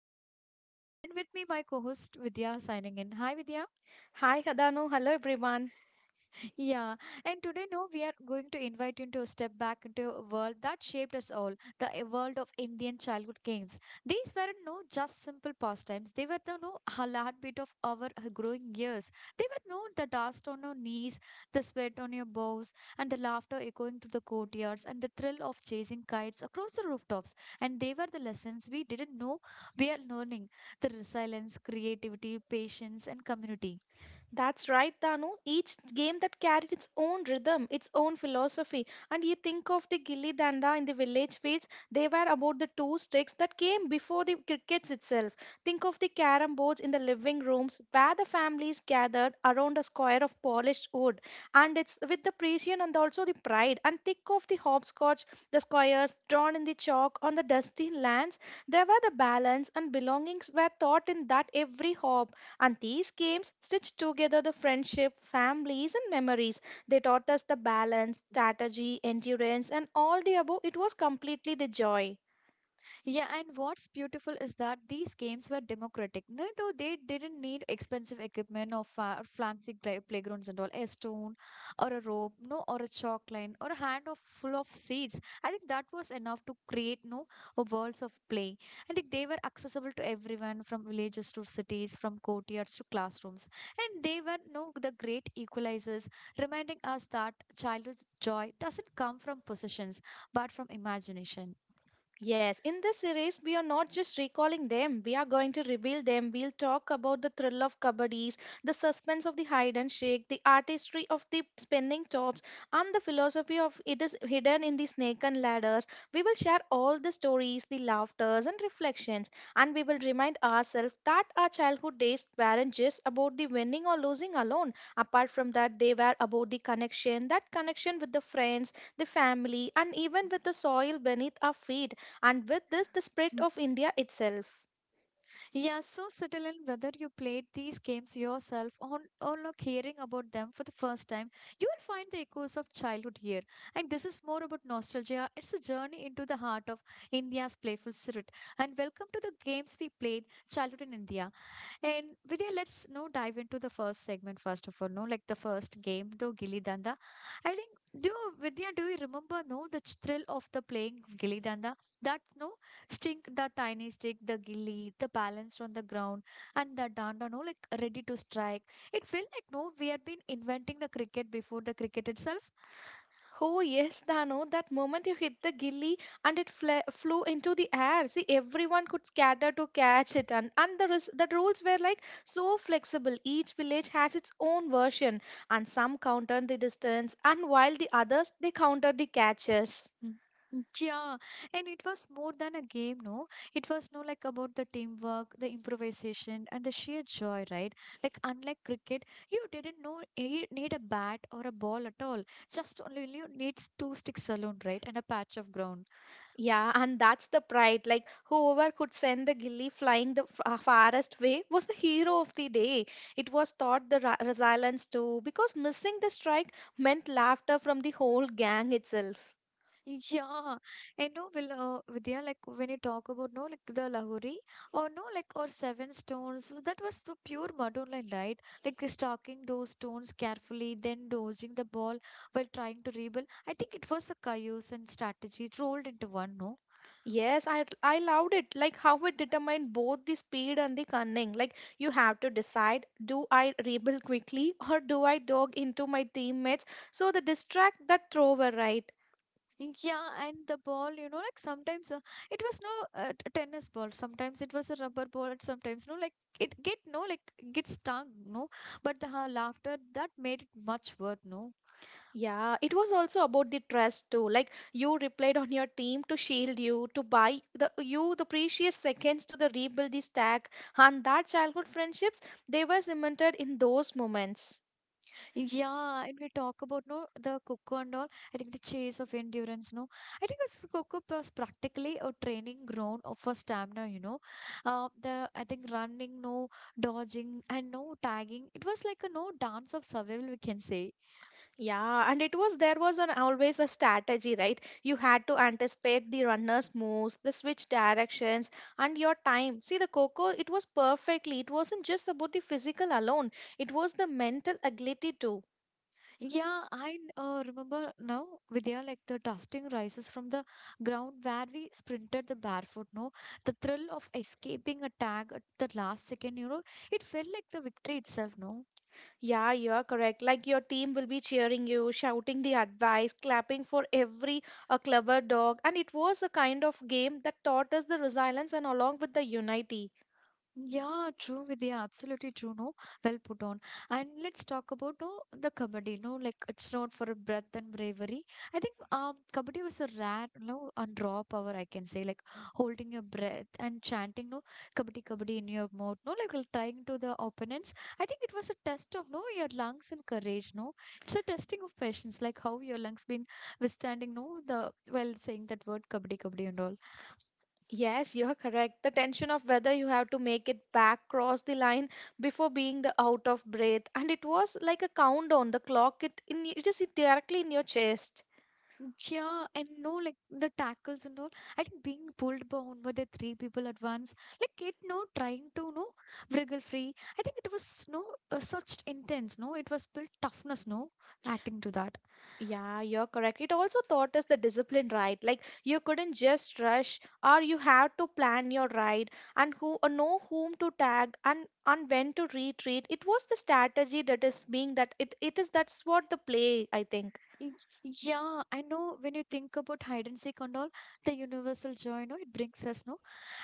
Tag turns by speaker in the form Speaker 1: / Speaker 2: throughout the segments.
Speaker 1: am Danu, your host, and with me my co-host Vidya signing in. Hi Vidya.
Speaker 2: Hi, Danu. Hello, everyone.
Speaker 1: Yeah, and today, no, we are going to invite you into a step back into a world that shaped us all the world of Indian childhood games. These weren't no just simple pastimes, they were the no heartbeat of our growing years. They were no the dust on your knees, the sweat on your bows, and the laughter echoing through the courtyards, and the thrill of chasing kites across the rooftops. And they were the lessons we didn't know we are learning the resilience, creativity, patience, and community.
Speaker 2: That's right, Danu. Each game that carried its own rhythm, its own philosophy. And you think of the gilli danda in the village fields, they were about the two sticks that came before the crickets itself. Think of the carom boards in the living rooms where the families gathered around a square of polished wood. And it's with the precision and also the pride. And think of the hopscotch, the squares drawn in the chalk on the dusty lands. There were the balance and belongings were taught in that every hop. And these games stitch together the friendship, families, and memories. They taught us the balance, strategy, endurance, and all the above. It was completely the joy.
Speaker 1: Yeah, and what's beautiful is that these games were democratic. No, though they didn't need expensive equipment or fancy playgrounds and all, a stone or a rope, no, or a chalk line or a hand of full of seeds. I think that was enough to create no a worlds of play. And like, they were accessible to everyone from villages to cities, from courtyards to classrooms, and they were no the great equalizers, reminding us that childhood's joy doesn't come from possessions but from imagination.
Speaker 2: Yes, in this series, we are not just recalling them, we are going to reveal them. We'll talk about the thrill of kabaddis, the suspense of the hide and shake, the artistry of the spinning tops, and the philosophy of it is hidden in the snake and ladders. We will share all the stories, the laughters, and reflections, and we will remind ourselves that our childhood days weren't just about the winning or losing alone. Apart from that, they were about the connection, that connection with the friends, the family, and even with the soil beneath our feet and with this the spread of India itself.
Speaker 1: Yeah, so subtle in whether you played these games yourself or like hearing about them for the first time, you will find the echoes of childhood here. And this is more about nostalgia. It's a journey into the heart of India's playful spirit. And welcome to the games we played childhood in India. And Vidya, let's now dive into the first segment first of all, no, like the first game, do Gilli Danda. I think, do you, Vidya, do you remember, no, the thrill of the playing of Gilli Danda? That, no, stink, the tiny stick, the gilli, the balance on the ground, and the danda, no, like ready to strike. It felt like, no, we had been inventing the cricket before the cricket itself.
Speaker 2: Oh yes, Dano, that moment you hit the gilly and it flew into the air. See, everyone could scatter to catch it, and the rules were like so flexible. Each village has its own version, and some counted the distance, and while the others they counted the catches.
Speaker 1: Mm. Yeah, and it was more than a game, no? It was no like about the teamwork, the improvisation, and the sheer joy, right? Like unlike cricket, you didn't know need a bat or a ball at all. Just only you needs two sticks alone, right? And a patch of ground.
Speaker 2: Yeah, and that's the pride. Like, whoever could send the gilly flying the farthest way was the hero of the day. It was thought the resilience too, because missing the strike meant laughter from the whole gang itself.
Speaker 1: Yeah, and no, will Vidya, like when you talk about no, like the Lahori or no, like or seven stones, so that was so pure modern line, right? Like stalking those stones carefully, then dodging the ball while trying to rebuild. I think it was a chaos and strategy rolled into one, no?
Speaker 2: Yes, I loved it. Like how it determined both the speed and the cunning. Like you have to decide: do I rebel quickly or do I dog into my teammates? So the distract that thrower, right?
Speaker 1: Yeah, and the ball, you know, like sometimes it was no tennis ball, sometimes it was a rubber ball, and sometimes no, like it get no, like get stung, no, but the laughter that made it much worth, no.
Speaker 2: Yeah, it was also about the trust too. Like you replied on your team to shield you, to buy the you the precious seconds to the rebuild the stack, and that childhood friendships they were cemented in those moments.
Speaker 1: Yeah, and we talk about no the Coco and all. I think the chase of endurance, no. I think this Coco was practically a training ground of for stamina, you know. The I think running, no dodging, and no tagging. It was like a no dance of survival, we can say.
Speaker 2: Yeah, and it was there was an always a strategy, right? You had to anticipate the runner's moves, the switch directions, and your time. See the Coco, it was perfectly. It wasn't just about the physical alone. It was the mental agility too.
Speaker 1: Yeah, I remember now, Vidya, like the dusting rises from the ground where we sprinted the barefoot, no. The thrill of escaping a tag at the last second, you know, it felt like the victory itself, no.
Speaker 2: Yeah, you're correct. Like your team will be cheering you, shouting the advice, clapping for every a clever dog. And it was a kind of game that taught us the resilience and along with the unity.
Speaker 1: Yeah, true, Vidya. Absolutely true. No, well put on. And let's talk about no the kabaddi. No, like it's not for breath and bravery. I think kabaddi was a rare, no, and raw power. I can say like holding your breath and chanting no kabaddi kabaddi in your mouth. No, like trying to the opponents. I think it was a test of no your lungs and courage. No, it's a testing of patience, like how your lungs been withstanding. No, the well saying that word kabaddi kabaddi and all.
Speaker 2: Yes, you're correct. The tension of whether you have to make it back, cross the line before being the out of breath. And it was like a countdown. The clock it in it is directly in your chest.
Speaker 1: Yeah, and no, like the tackles and all. I think being pulled down by the three people at once, like it, no, trying to, no, wriggle free. I think it was, no, such intense, no, it was built toughness, no, acting to that.
Speaker 2: Yeah, you're correct. It also taught us the discipline, right? Like you couldn't just rush, or you had to plan your ride and who know whom to tag and when to retreat. It was the strategy that is being that it is that's what the play, I think.
Speaker 1: Y- Yeah, I know when you think about hide and seek and all, the universal joy, no, it brings us, no.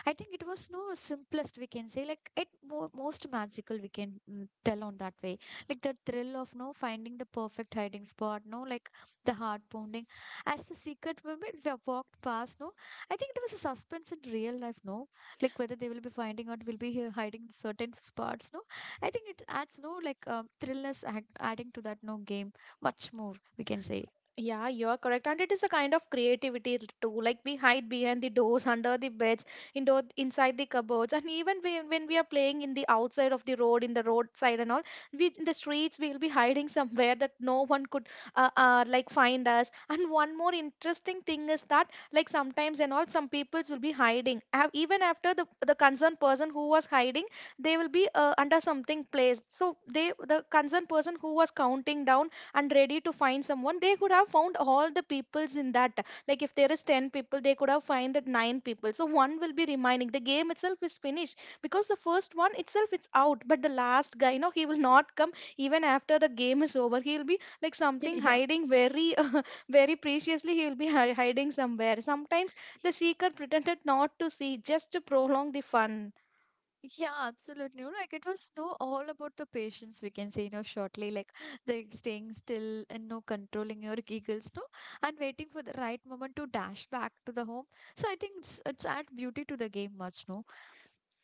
Speaker 1: I think it was no simplest we can say, like it mo most magical we can tell on that way. Like the thrill of no finding the perfect hiding spot, no, like the heart pounding. As the secret moment we have walked past, no, I think it was a suspense in real life, no, like whether they will be finding out, will be here hiding in certain spots, no. I think it adds no like thrillness adding to that no game much more we can say.
Speaker 2: Yeah, you are correct. And it is a kind of creativity too. Like we hide behind the doors, under the beds, indoor, inside the cupboards. And even we, when we are playing in the outside of the road, in the roadside and all, we in the streets, we'll be hiding somewhere that no one could like find us. And one more interesting thing is that like sometimes and all, some people will be hiding. Have, even after the concerned person who was hiding, they will be under something place. So they, the concerned person who was counting down and ready to find someone they could have found all the peoples in that. Like if there is 10 people they could have find that 9 people, so one will be remaining. The game itself is finished because the first one itself it's out, but the last guy, you know, he will not come even after the game is over. He will be like something
Speaker 1: Yeah.
Speaker 2: hiding very very preciously. He will be hiding somewhere sometimes the seeker pretended not to see just to prolong the fun.
Speaker 1: Yeah, absolutely. You know, like it was no all about the patience, we can say, you know, shortly, like the staying still and no controlling your giggles, no, and waiting for the right moment to dash back to the home. So I think it's add beauty to the game much, no.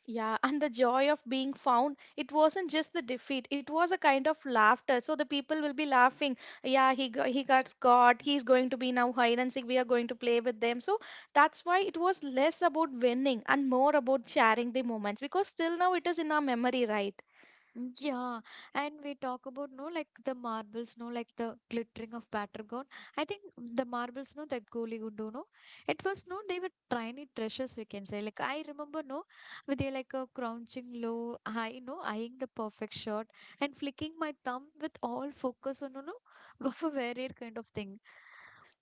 Speaker 2: Yeah, and the joy of being found, it wasn't just the defeat, it was a kind of laughter. So the people will be laughing. Yeah, he got caught. He's going to be now hide and seek. We are going to play with them. So that's why it was less about winning and more about sharing the moments, because still now it is in our memory, right?
Speaker 1: Yeah, and we talk about no like the marbles, no like the glittering of Patragon. I think the marbles, no that Goli Gundo, no, it was no they were tiny treasures we can say. Like I remember, no, with a like a crouching low, high, no eyeing the perfect shot and flicking my thumb with all focus on no no of a rare kind of thing.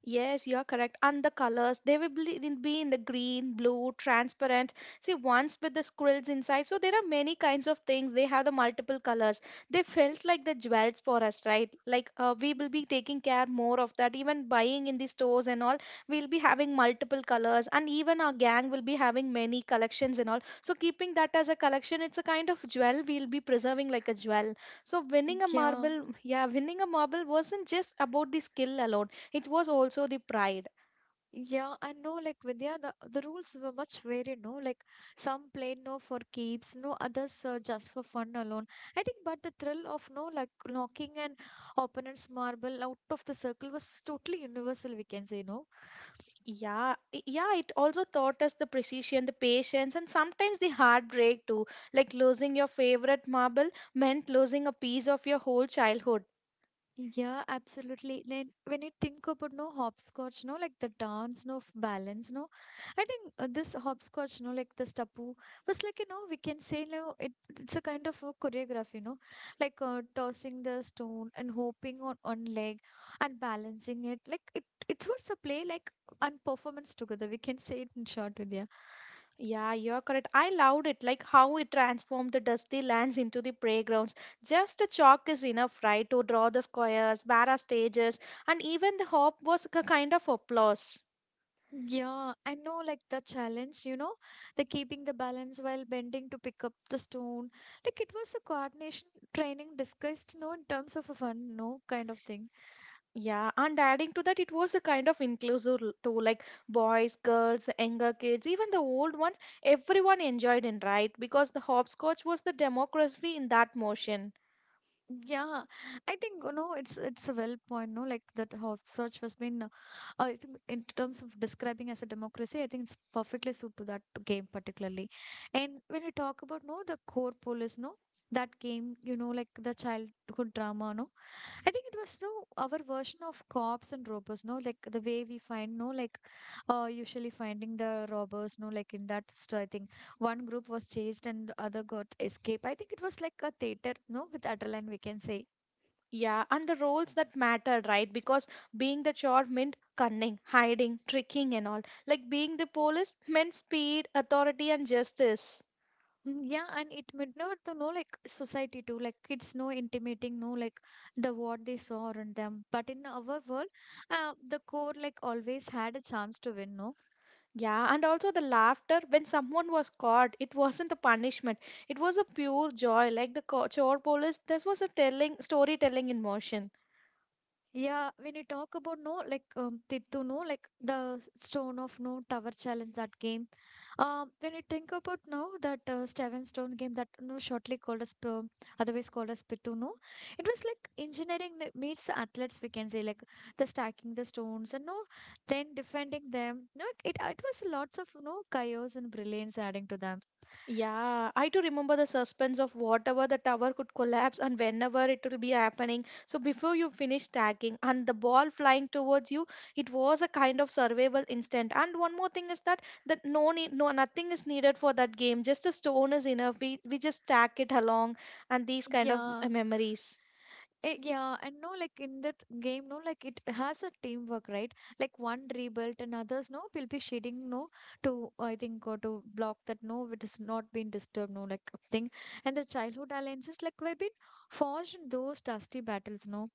Speaker 2: Yes, you're correct. And the colors, they will be in the green, blue, transparent. See, once with the squirrels inside. So there are many kinds of things. They have the multiple colors. They felt like the jewels for us, right? Like we will be taking care more of that. Even buying in the stores and all, we'll be having multiple colors. And even our gang will be having many collections and all. So keeping that as a collection, it's a kind of jewel we'll be preserving like a jewel. So winning a
Speaker 1: Yeah.
Speaker 2: marble, yeah, winning a marble wasn't just about the skill alone, it was also the pride.
Speaker 1: Yeah, and no, like Vidya, the rules were much varied, no? Like some played no for keeps, no others just for fun alone. I think, but the thrill of no, like knocking an opponent's marble out of the circle was totally universal, we can say, no?
Speaker 2: Yeah, it also taught us the precision, the patience, and sometimes the heartbreak too. Like losing your favorite marble meant losing a piece of your whole childhood.
Speaker 1: Yeah, absolutely. Then when you think about no hopscotch, no like the dance, no balance, no. I think this hopscotch, no like this tapu was like you know we can say no it's a kind of a choreography, you know, like tossing the stone and hopping on one leg and balancing it. Like it's what's a play like and performance together. We can say it in short, Vidya.
Speaker 2: Yeah, you're correct. I loved it, like how it transformed the dusty lands into the playgrounds. Just a chalk is enough, right, to draw the squares, barra stages, and even the hop was a kind of applause.
Speaker 1: Yeah, I know like the challenge, you know, the keeping the balance while bending to pick up the stone. Like it was a coordination training discussed, you know, in terms of a fun, no kind of thing.
Speaker 2: Yeah, and adding to that, it was a kind of inclusive too, like boys, girls, younger kids, even the old ones, everyone enjoyed it, right? Because the hopscotch was the democracy in that motion.
Speaker 1: Yeah, I think, you know, it's a well point, no, like that hopscotch has been, I think in terms of describing as a democracy, I think it's perfectly suited to that game particularly. And when we talk about, no, the core police, no, that game, you know, like the childhood drama, no. I think it was no our version of cops and robbers, no, like the way we find no, like usually finding the robbers, no, like in that I think one group was chased and the other got escape. I think it was like a theater, no, with adrenaline we can say.
Speaker 2: Yeah, and the roles that mattered, right? Because being the chore meant cunning, hiding, tricking, and all. Like being the police meant speed, authority, and justice.
Speaker 1: Yeah, and it midnight to know like society too, like kids know intimating, no like the what they saw around them. But in our world, the core like always had a chance to win, no.
Speaker 2: Yeah, and also the laughter when someone was caught, it wasn't a punishment. It was a pure joy. Like the chore police, this was a telling storytelling in motion.
Speaker 1: Yeah, when you talk about no, like Tittu, no, like the Stone of No Tower Challenge that game. When you think about now that Seven Stone game that no shortly called as otherwise called as Pitu, no, it was like engineering that meets athletes. We can say like the stacking the stones and no, then defending them. No, it was lots of no chaos and brilliance adding to them.
Speaker 2: Yeah, I too remember the suspense of whatever the tower could collapse and whenever it will be happening. So before you finish tagging and the ball flying towards you, it was a kind of survival instant. And one more thing is that that no need, no nothing is needed for that game. Just a stone is enough. We just tag it along and these kind of
Speaker 1: Yeah.
Speaker 2: memories.
Speaker 1: Eh, yeah, and no, like in that game, no, like it has a teamwork, right? Like one rebuilt and others, no, will be shading, no, to I think or to block that, no, it is not being disturbed, no, like thing. And the childhood alliances, like were being forged in those dusty battles, no.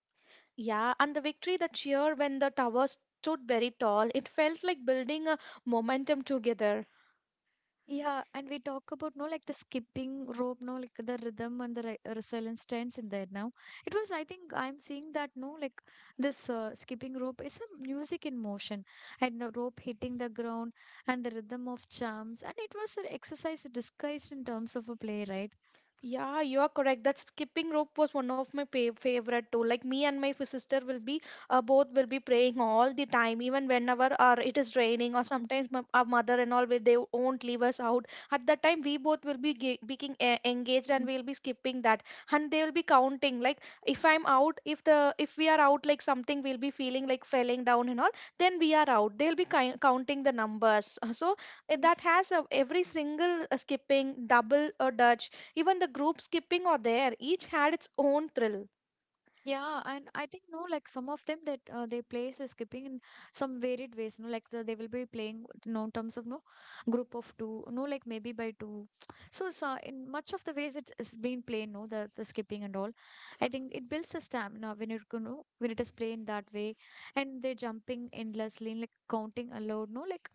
Speaker 2: Yeah, and the victory, the cheer when the tower stood very tall, it felt like building a momentum together.
Speaker 1: Yeah, and we talk about no like the skipping rope, no like the rhythm and the re resilience trends in there now. It was, I think, I'm seeing that no like this skipping rope is a music in motion, and the rope hitting the ground and the rhythm of jumps, and it was an exercise disguised in terms of a play, right?
Speaker 2: Yeah, you are correct. That skipping rope was one of my favorite too. Like me and my sister will be, both will be praying all the time, even whenever it is raining or sometimes our mother and all will they won't leave us out. At that time, we both will be engaged and we'll be skipping that, and they will be counting. Like if I'm out, if the if we are out, like something we'll be feeling like falling down and all, then we are out. They'll be counting the numbers. So that has a, every single skipping, double or dutch, even the group skipping or there, each had its own thrill.
Speaker 1: Yeah, and I think no, like some of them that they play is skipping in some varied ways. No, like the, they will be playing no in terms of no group of two. No, like maybe by two. So, in much of the ways it is being played. No, the skipping and all. I think it builds a stamina when when it is played that way, and they're jumping endlessly, like counting aloud. No, like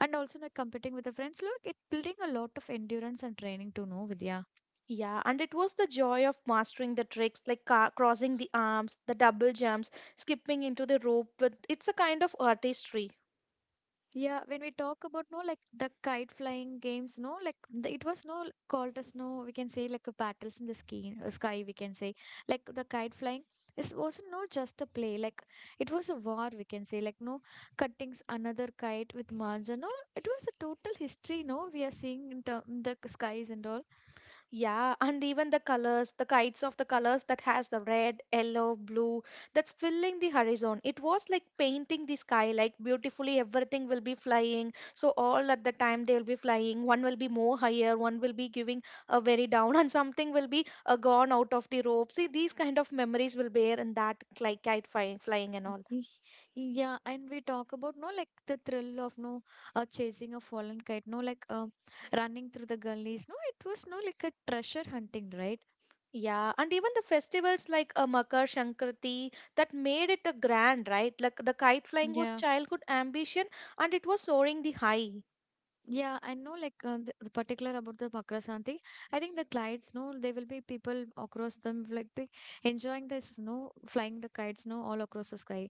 Speaker 1: and also like competing with the friends. Look, it building a lot of endurance and training to know Vidya.
Speaker 2: Yeah, and it was the joy of mastering the tricks like crossing the arms, the double jumps, skipping into the rope with it's a kind of artistry.
Speaker 1: Yeah, when we talk about no like the kite flying games, no like the, it was no called as no we can say like a battles in the sky, sky we can say like the kite flying is wasn't no just a play like it was a war we can say like no cuttings another kite with manja no it was a total history no we are seeing in the skies and all.
Speaker 2: Yeah, and even the colors, the kites of the colors that has the red, yellow, blue, that's filling the horizon. It was like painting the sky, like beautifully everything will be flying. So all at the time they'll be flying. One will be more higher, one will be giving a very down, and something will be gone out of the rope. See, these kind of memories will bear in that like kite flying, flying and all.
Speaker 1: Y- Yeah, and we talk about no like the thrill of no chasing a fallen kite, no like running through the gullies. No, it was no like a treasure hunting, right?
Speaker 2: Yeah, and even the festivals like Makar Sankranti that made it a grand, right? Like the kite flying was
Speaker 1: Yeah,
Speaker 2: childhood ambition and it was soaring the high.
Speaker 1: yeah, I know like the particular about the Makrasanti. I think the kites, no, there will be people across them like be enjoying the snow, flying the kites, no, all across the sky.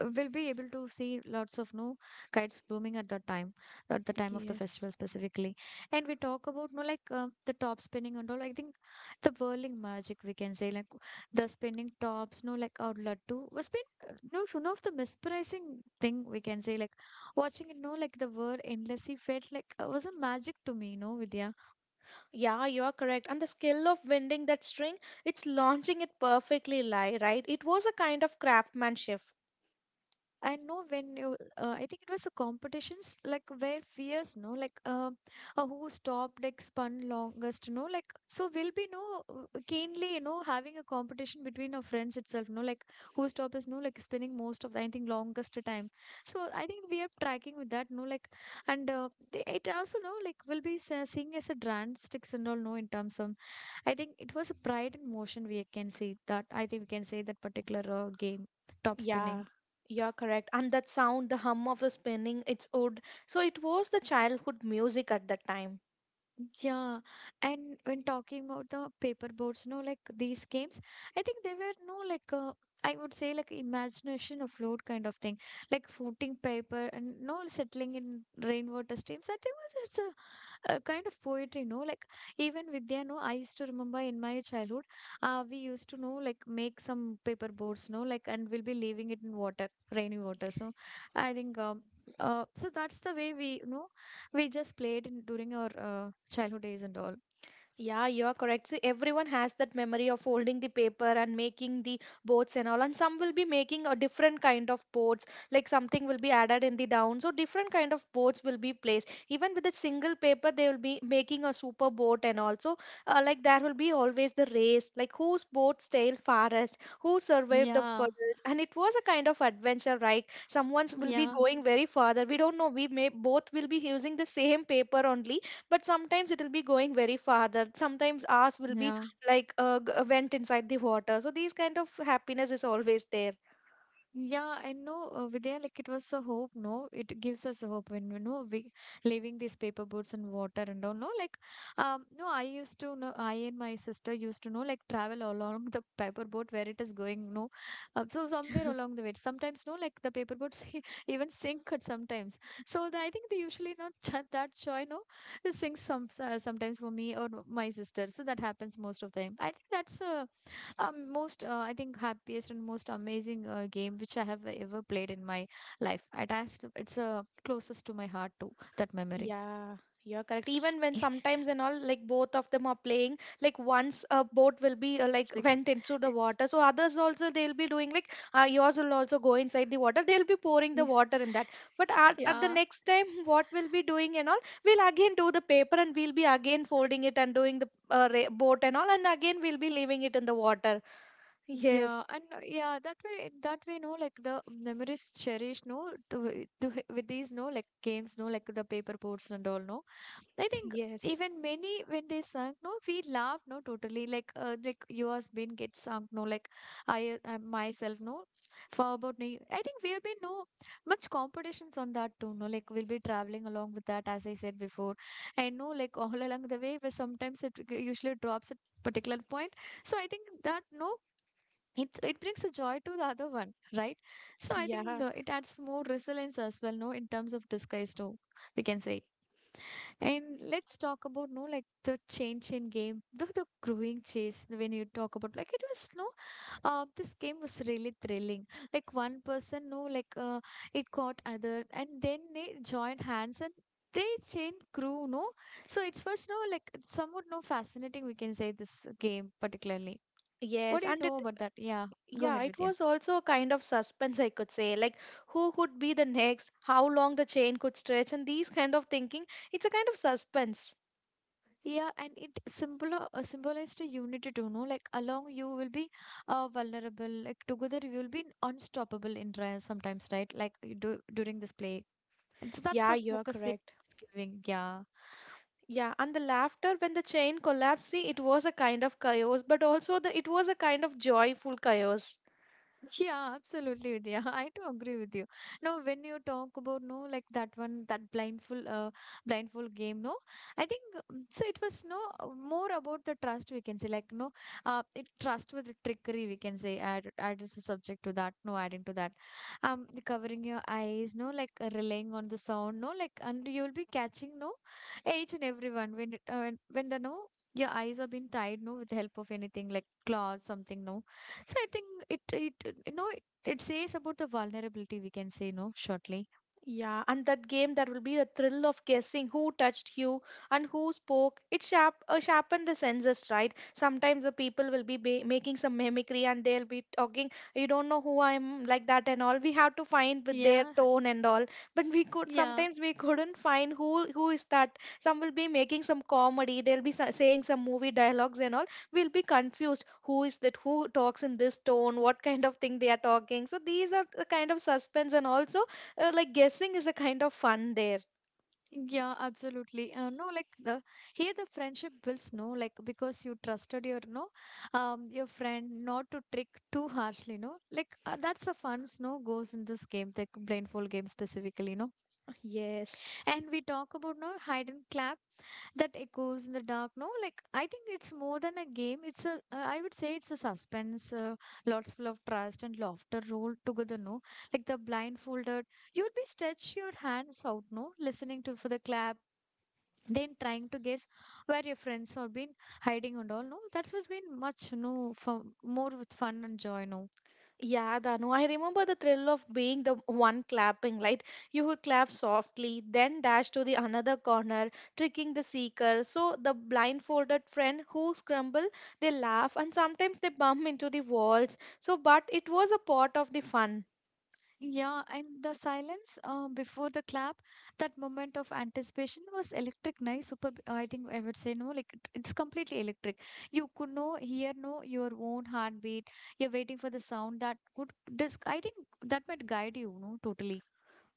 Speaker 1: We'll be able to see lots of no kites blooming at that time at the time of the
Speaker 2: Yes.
Speaker 1: festival specifically, and we talk about no like the top spinning and all. I think the whirling magic we can say like the spinning tops no like our laddu was been no it's one of the mesmerizing thing we can say like watching it no like the whir endlessly felt like was a magic to me no Vidya.
Speaker 2: Yeah, you are correct. And the skill of winding that string, it's launching it perfectly right? It was a kind of craftsmanship.
Speaker 1: I know when you, I think it was a competitions like where fierce, no, like who stopped, like spun longest, no, like so we'll be no keenly, you know, having a competition between our friends itself, no, like who stop is no, like spinning most of the, I think longest time. So I think we are tracking with that, no, like and they, it also no, like will be seeing as a brand sticks and all, no, in terms of I think it was a pride in motion we can see that. I think we can say that particular game top spinning.
Speaker 2: Yeah, you're correct. And that sound, the hum of the spinning, its wood. So it was the childhood music at that time.
Speaker 1: Yeah, and when talking about the paper boards, no, like these games, I think they were no like I would say like imagination afloat kind of thing, like floating paper and no settling in rainwater streams. I think it's a kind of poetry, no? Like even Vidya, no, I used to remember in my childhood, we used to know like make some paper boats, no, like and we'll be leaving it in water, rainy water. So I think so that's the way we we just played in, during our childhood days and all.
Speaker 2: Yeah, you are correct. So everyone has that memory of folding the paper and making the boats and all. And some will be making a different kind of boats, like something will be added in the down. So different kind of boats will be placed. Even with a single paper, they will be making a super boat and also like there will be always the race, like whose boat sailed farthest, who survived the
Speaker 1: Yeah,
Speaker 2: puddles. And it was a kind of adventure, right? Someone's will be
Speaker 1: yeah,
Speaker 2: going very further. We don't know. We may both will be using the same paper only, but sometimes it will be going very farther. Sometimes ours will be
Speaker 1: yeah.
Speaker 2: like g- a went inside the water. So these kind of happiness is always there.
Speaker 1: Yeah, I know, Vidya, like it was a hope, no? It gives us a hope when, you know, we leaving these paper boats in water and all, no? Like, no, I used to know, I and my sister used to know, like, travel along the paper boat where it is going, no? So, somewhere along the way, sometimes, no, like the paper boats even sink at sometimes. So, the, I think they usually not that, that joy, no? It sinks some, sometimes for me or my sister. So, that happens most of the time. I think that's a most I think happiest and most amazing game which I have ever played in my life. It has to, it's closest to my heart too, that memory.
Speaker 2: Yeah, you're correct. Even when
Speaker 1: It's
Speaker 2: sometimes and all, like both of them are playing, like once a boat will be like
Speaker 1: like-
Speaker 2: went into the water, so others also they'll be doing like yours will also go inside the water. They'll be pouring the
Speaker 1: yeah.
Speaker 2: water in that. But at the
Speaker 1: Yeah,
Speaker 2: next time what we'll be doing and all, we'll again do the paper and we'll be again folding it and doing the boat and all, and again we'll be leaving it in the water.
Speaker 1: yeah,
Speaker 2: Yes,
Speaker 1: and yeah, that way no like the memories cherished no, with these no like games no like the paper boards and all, no, I think.
Speaker 2: yes,
Speaker 1: Even many when they sung, no, we laugh, no, totally. Like yours been get sung, no, like I, myself, no, for about me. I think we have been no much competitions on that too, no, like we'll be traveling along with that, as I said before. I know, like all along the way, but sometimes it usually drops at particular point. So I think that no. It brings a joy to the other one, right? So I think
Speaker 2: yeah,
Speaker 1: the, it adds more resilience as well, no, in terms of disguise too, we can say. And let's talk about no like the change in game, the growing chase when you talk about like it was no this game was really thrilling. Like one person no like it caught other and then they joined hands and they chain crew no so it was no like somewhat no fascinating we can say this game particularly. What
Speaker 2: yes,
Speaker 1: do you
Speaker 2: and
Speaker 1: know
Speaker 2: it,
Speaker 1: about that? Yeah, go
Speaker 2: yeah,
Speaker 1: ahead
Speaker 2: it
Speaker 1: with.
Speaker 2: was also a kind of suspense, I could say, like who would be the next, how long the chain could stretch, and these kind of thinking. It's a kind of suspense.
Speaker 1: Yeah, and it symbolized a unity to know like along you will be vulnerable, like together you will be unstoppable in trials sometimes, right, like you do during this play. And so that's
Speaker 2: Yeah,
Speaker 1: a
Speaker 2: you're
Speaker 1: focus they
Speaker 2: correct.
Speaker 1: giving. Yeah.
Speaker 2: Yeah, and the laughter when the chain collapsed, see, it was a kind of chaos, but also the it was a kind of joyful chaos.
Speaker 1: Yeah, absolutely, Vidya. I do agree with you. Now, when you talk about no, like that one, that blindfold game, no, I think so, it was no more about the trust we can say, like no, it trust with the trickery we can say. Add is a subject to that. No, adding to that, the covering your eyes, no, like relying on the sound, no, like and you'll be catching no, each and everyone when when the no, your eyes are being tied, no, with the help of anything like cloth, something, no so I think it it you know it, it says about the vulnerability we can say no shortly.
Speaker 2: Yeah, and that game, that will be the thrill of guessing who touched you and who spoke. It sharpened the senses, right? Sometimes the people will be making some mimicry and they'll be talking, you don't know who I'm, like that and all. We have to find with their
Speaker 1: Yeah,
Speaker 2: tone and all. But we could,
Speaker 1: yeah,
Speaker 2: sometimes we couldn't find who is that. Some will be making some comedy. They'll be saying some movie dialogues and all. We'll be confused. Who is that? Who talks in this tone? What kind of thing they are talking? So these are the kind of suspense, and also like guessing is a kind of fun there.
Speaker 1: yeah, absolutely. No, like the here the friendship builds no like because you trusted your no your friend not to trick too harshly no like that's the fun no goes in this game the blindfold game specifically no.
Speaker 2: Yes.
Speaker 1: And we talk about no hide and clap that echoes in the dark no like I think it's more than a game. It's a I would say it's a suspense, lots full of trust and laughter rolled together, no, like the blindfolded you'd be stretch your hands out no listening to for the clap, then trying to guess where your friends have been hiding and all, no, that's what's been much no for more with fun and joy, no.
Speaker 2: Yeah, Danu, I remember the thrill of being the one clapping, right? You would clap softly, then dash to the another corner, tricking the seeker. So the blindfolded friend who scramble, they laugh and sometimes they bump into the walls. So, but it was a part of the fun.
Speaker 1: Yeah, and the silence before the clap, that moment of anticipation was electric, nice, super. I think I would say no, like it's completely electric. You could no hear no your own heartbeat. You're waiting for the sound that could disc. I think that might guide you, no, totally.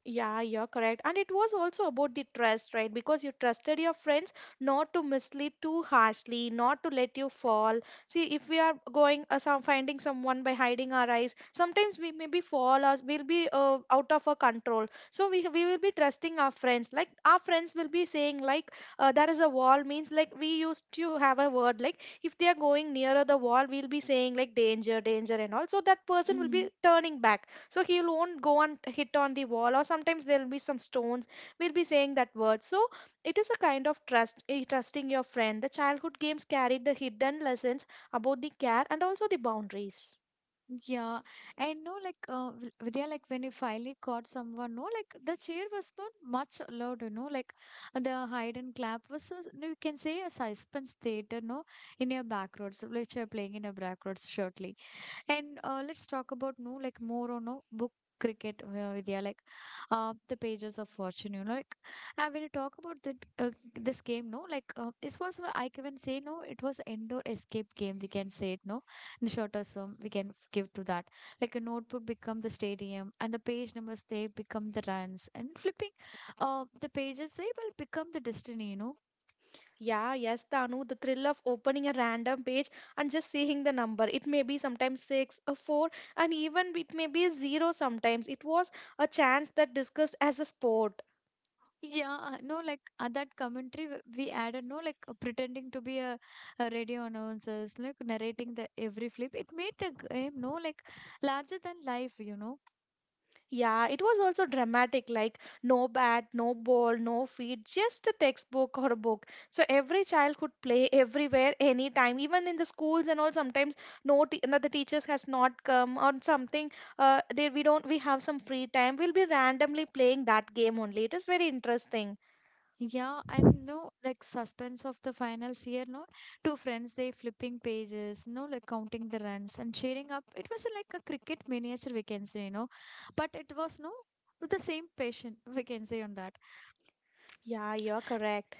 Speaker 2: Yeah, you're correct. And it was also about the trust, right? Because you trusted your friends not to mislead too harshly, not to let you fall. See, if we are going some finding someone by hiding our eyes, sometimes we maybe fall or we'll be out of our control. So we will be trusting our friends. Like our friends will be saying like there is a wall, means like we used to have a word, like if they are going nearer the wall, we'll be saying like danger, danger and all. So that person will
Speaker 1: Mm-hmm.
Speaker 2: be turning back, so he won't go and hit on the wall. Or sometimes there'll be some stones, we'll be saying that word. So it is a kind of trust, trusting your friend. The childhood games carried the hidden lessons about the care and also the boundaries.
Speaker 1: Yeah, I know, like Vidya, like when you finally caught someone, no, like the cheer was not much loud, you know, like the hide and clap was, a, you can say, a suspense theater, no, in your back roads, which you're playing in your back roads shortly. And let's talk about no like more on no book cricket, Vidya, like the pages of fortune, you know, like and when you talk about the this game no like this was where I can say no it was indoor escape game we can say it no in shorter term we can give to that, like a notebook become the stadium and the page numbers they become the runs and flipping the pages they will become the destiny, you know.
Speaker 2: Yeah, yes, Tanu, the thrill of opening a random page and just seeing the number. It may be sometimes 6, a 4, and even it may be a 0. Sometimes it was a chance that discussed as a sport.
Speaker 1: Yeah, no, like that commentary we added, no, like pretending to be a radio announcers, like narrating the every flip. It made the game, no, like larger than life, you know.
Speaker 2: Yeah, it was also dramatic, like no bat, no ball, no feet, just a textbook or a book. So every child could play everywhere, anytime, even in the schools and all. Sometimes the teachers has not come or something. They We don't, we have some free time. We'll be randomly playing that game only. It is very interesting.
Speaker 1: Yeah, and no, like suspense of the finals here, no. Two friends, they flipping pages, no, like counting the runs and cheering up. It was like a cricket miniature, we can say, you know. But it was no, with the same passion, we can say on that.
Speaker 2: Yeah, you're correct.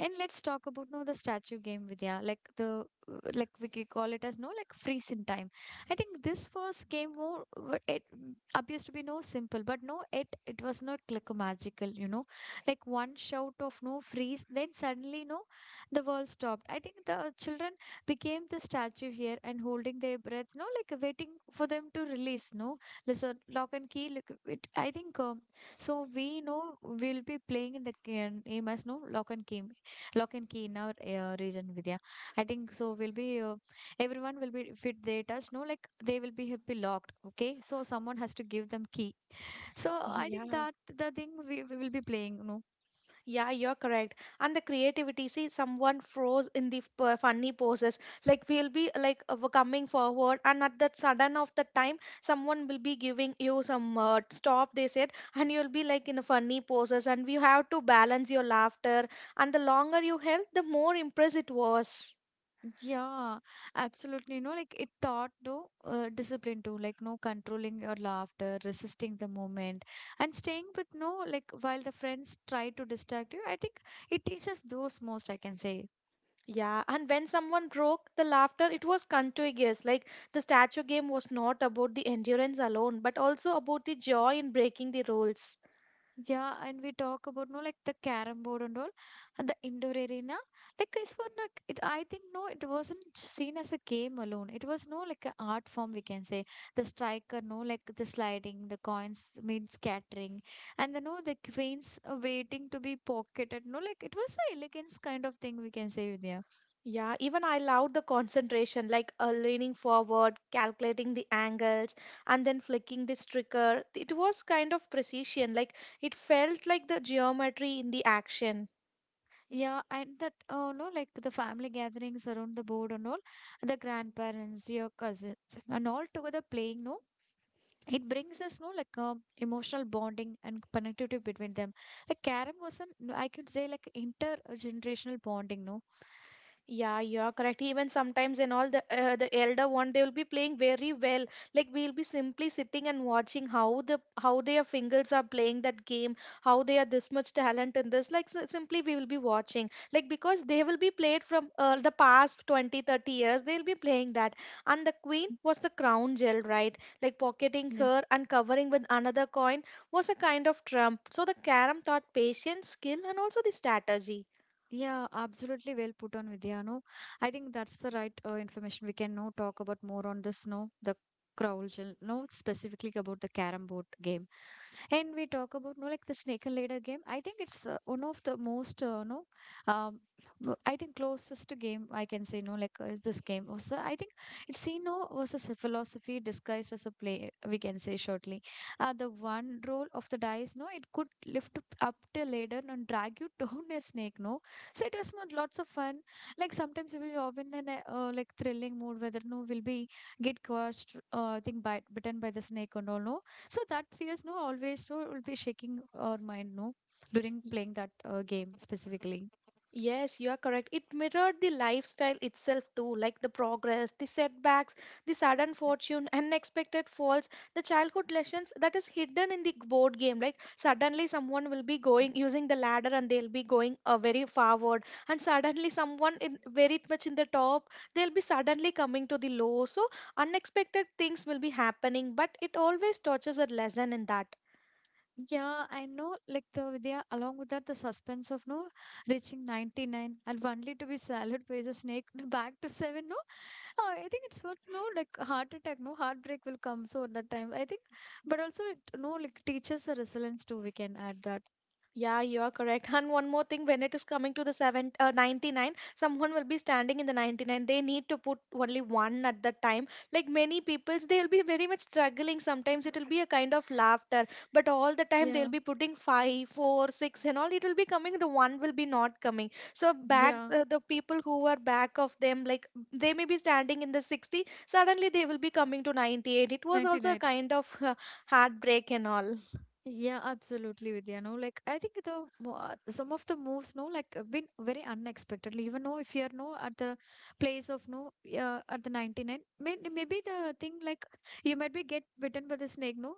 Speaker 1: And let's talk about no the statue game, Vidya. Like the like we could call it as no like freeze in time. I think this was game more appears to be no simple, but no it was not like magical, you know. Like one shout of no freeze, then suddenly no the world stopped. I think the children became the statue here and holding their breath, no like waiting for them to release, no. Listen, lock and key. Look, it, I think so we know we'll be playing in the game as no lock and key. Lock and key in our region, Vidya. I think so. Will be everyone will be fit. They touch no, like they will be happy locked. Okay, so someone has to give them key. So I think
Speaker 2: Yeah.
Speaker 1: that the thing we will be playing. No,
Speaker 2: Yeah, you're correct. And the creativity, see, someone froze in the funny poses. Like we'll be like coming forward, and at that sudden of the time, someone will be giving you some stop, they said, and you'll be like in a funny poses, and you have to balance your laughter. And the longer you held, the more impressed it was.
Speaker 1: yeah, absolutely. No, like it taught no discipline too. Like no controlling your laughter, resisting the moment, and staying with no like while the friends try to distract you. I think it teaches those most. I can say.
Speaker 2: Yeah, and when someone broke the laughter, it was contagious. Like the statue game was not about the endurance alone, but also about the joy in breaking the rules.
Speaker 1: Yeah, and we talk about no like the carom board and all, and the indoor arena. Like it's one, like it. I think no, it wasn't seen as a game alone. It was no like an art form we can say. The striker, no like the sliding, the coins mid scattering, and the no the queens waiting to be pocketed. No, like it was a elegance kind of thing we can say, Vidya.
Speaker 2: Yeah, even I loved the concentration, like leaning forward, calculating the angles, and then flicking this trigger. It was kind of precision, like it felt like the geometry in the action.
Speaker 1: Yeah, and that oh no like the family gatherings around the board and all, the grandparents, your cousins, and all together playing no it brings us no like emotional bonding and connectivity between them like Karam was an I could say like intergenerational bonding no.
Speaker 2: Yeah, you are correct. Even sometimes in all, the elder one, they will be playing very well. Like we'll be simply sitting and watching how their fingers are playing that game, how they are this much talent in this. Like simply we will be watching. Like because they will be played from the past 20, 30 years, they'll be playing that. And the queen was the crown jewel, right? Like pocketing her and covering with another coin was a kind of trump. So the carom taught patience, skill, and also the strategy.
Speaker 1: Yeah, absolutely well put on, Vidya. No, I think that's the right information. We can now talk about more on this, no, the Crowl Shell, no, specifically about the carom board game. And we talk about, no, like the snake and ladder game. I think it's one of the most, no, um, no, I think closest to game I can say, no, like is this game. Also, I think it's seen, no, versus a philosophy disguised as a play, we can say shortly. The one roll of the dice, no, it could lift up the ladder and drag you down a snake, no so it was not lots of fun. Like sometimes we will often in a like thrilling mood whether no will be get crushed I think bite bitten by the snake and all no. So that fears no always no will be shaking our mind no during playing that game specifically.
Speaker 2: Yes, you are correct. It mirrored the lifestyle itself too, like the progress, the setbacks, the sudden fortune, unexpected falls, the childhood lessons that is hidden in the board game. Like suddenly someone will be going using the ladder and they'll be going very forward, and suddenly someone in very much in the top, they'll be suddenly coming to the low. So unexpected things will be happening, but it always touches a lesson in that.
Speaker 1: Yeah, I know. Like the Vidya, along with that, the suspense of no reaching 99 and only to be swallowed by the snake back to seven. No, oh, I think it's what's no like heart attack. No heartbreak will come. So at that time, I think, but also it no like teaches the resilience too. We can add that.
Speaker 2: Yeah, you are correct. And one more thing, when it is coming to the 99, someone will be standing in the 99. They need to put only one at the time. Like many people, they'll be very much struggling. Sometimes it will be a kind of laughter, but all the time they'll
Speaker 1: Yeah,
Speaker 2: be putting 5, 4, 6, and all. It will be coming. The one will be not coming. So back,
Speaker 1: yeah,
Speaker 2: the people who are back of them, like they may be standing in the 60. Suddenly they will be coming to 98. It was
Speaker 1: ninety
Speaker 2: also a
Speaker 1: nine.
Speaker 2: kind of heartbreak and all.
Speaker 1: Yeah, absolutely, Vidya. No, like I think the some of the moves, no, like have been very unexpectedly. Even though if you're no at the place of no, at the 99, maybe the thing like you might be get bitten by the snake, no.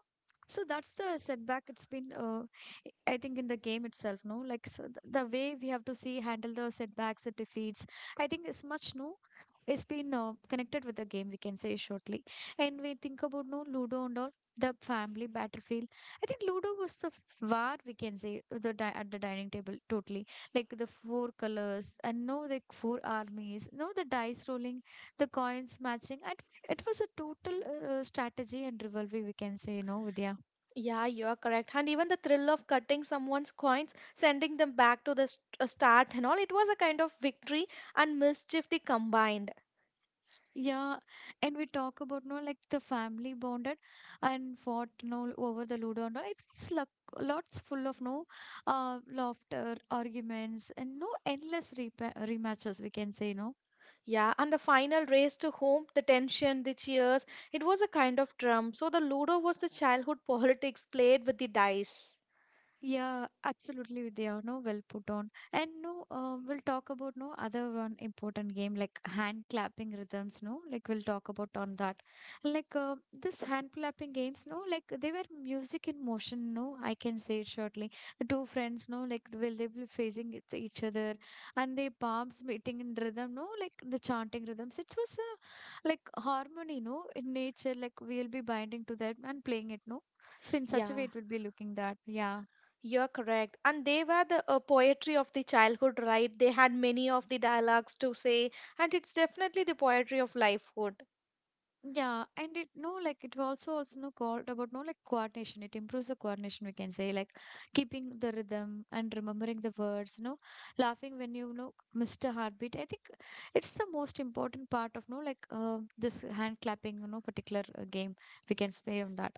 Speaker 1: So that's the setback. It's been, I think, in the game itself, no. Like so th the way we have to see handle the setbacks, the defeats. I think it's much no. It's been connected with the game. We can say shortly, and we think about no Ludo and all the family battlefield. I think Ludo was the where we can say the at the dining table totally like the four colors and no like four armies no the dice rolling the coins matching, and it was a total strategy and rivalry we can say you know Vidya.
Speaker 2: Yeah, you're correct. And even the thrill of cutting someone's coins, sending them back to the start and all, it was a kind of victory and mischief they combined.
Speaker 1: Yeah, and we talk about no like the family bonded and fought no over the Ludo and all. It was like lots full of no laughter arguments and no endless rematches we can say no.
Speaker 2: Yeah, and the final race to home, the tension, the cheers, it was a kind of drum. So the Ludo was the childhood politics played with the dice.
Speaker 1: Yeah, absolutely, Vidya. No, well put on. And no, we'll talk about no other one important game like hand clapping rhythms. No, like we'll talk about on that. Like this hand clapping games. No, like they were music in motion. No, I can say it shortly. The two friends. No, like will they be facing each other and their palms meeting in rhythm. No, like the chanting rhythms. It was a like harmony. No, in nature. Like we'll be binding to that and playing it. No, so in such a way
Speaker 2: Yeah,
Speaker 1: it will be looking that. Yeah.
Speaker 2: you're correct. And they were the poetry of the childhood, right? They had many of the dialogues to say, and it's definitely the poetry of lifehood.
Speaker 1: Yeah, and it no like it also no called about no like coordination. It improves the coordination we can say like keeping the rhythm and remembering the words. No, laughing when you know missed a heartbeat. I think it's the most important part of no like this hand clapping. You know, particular game we can play on that.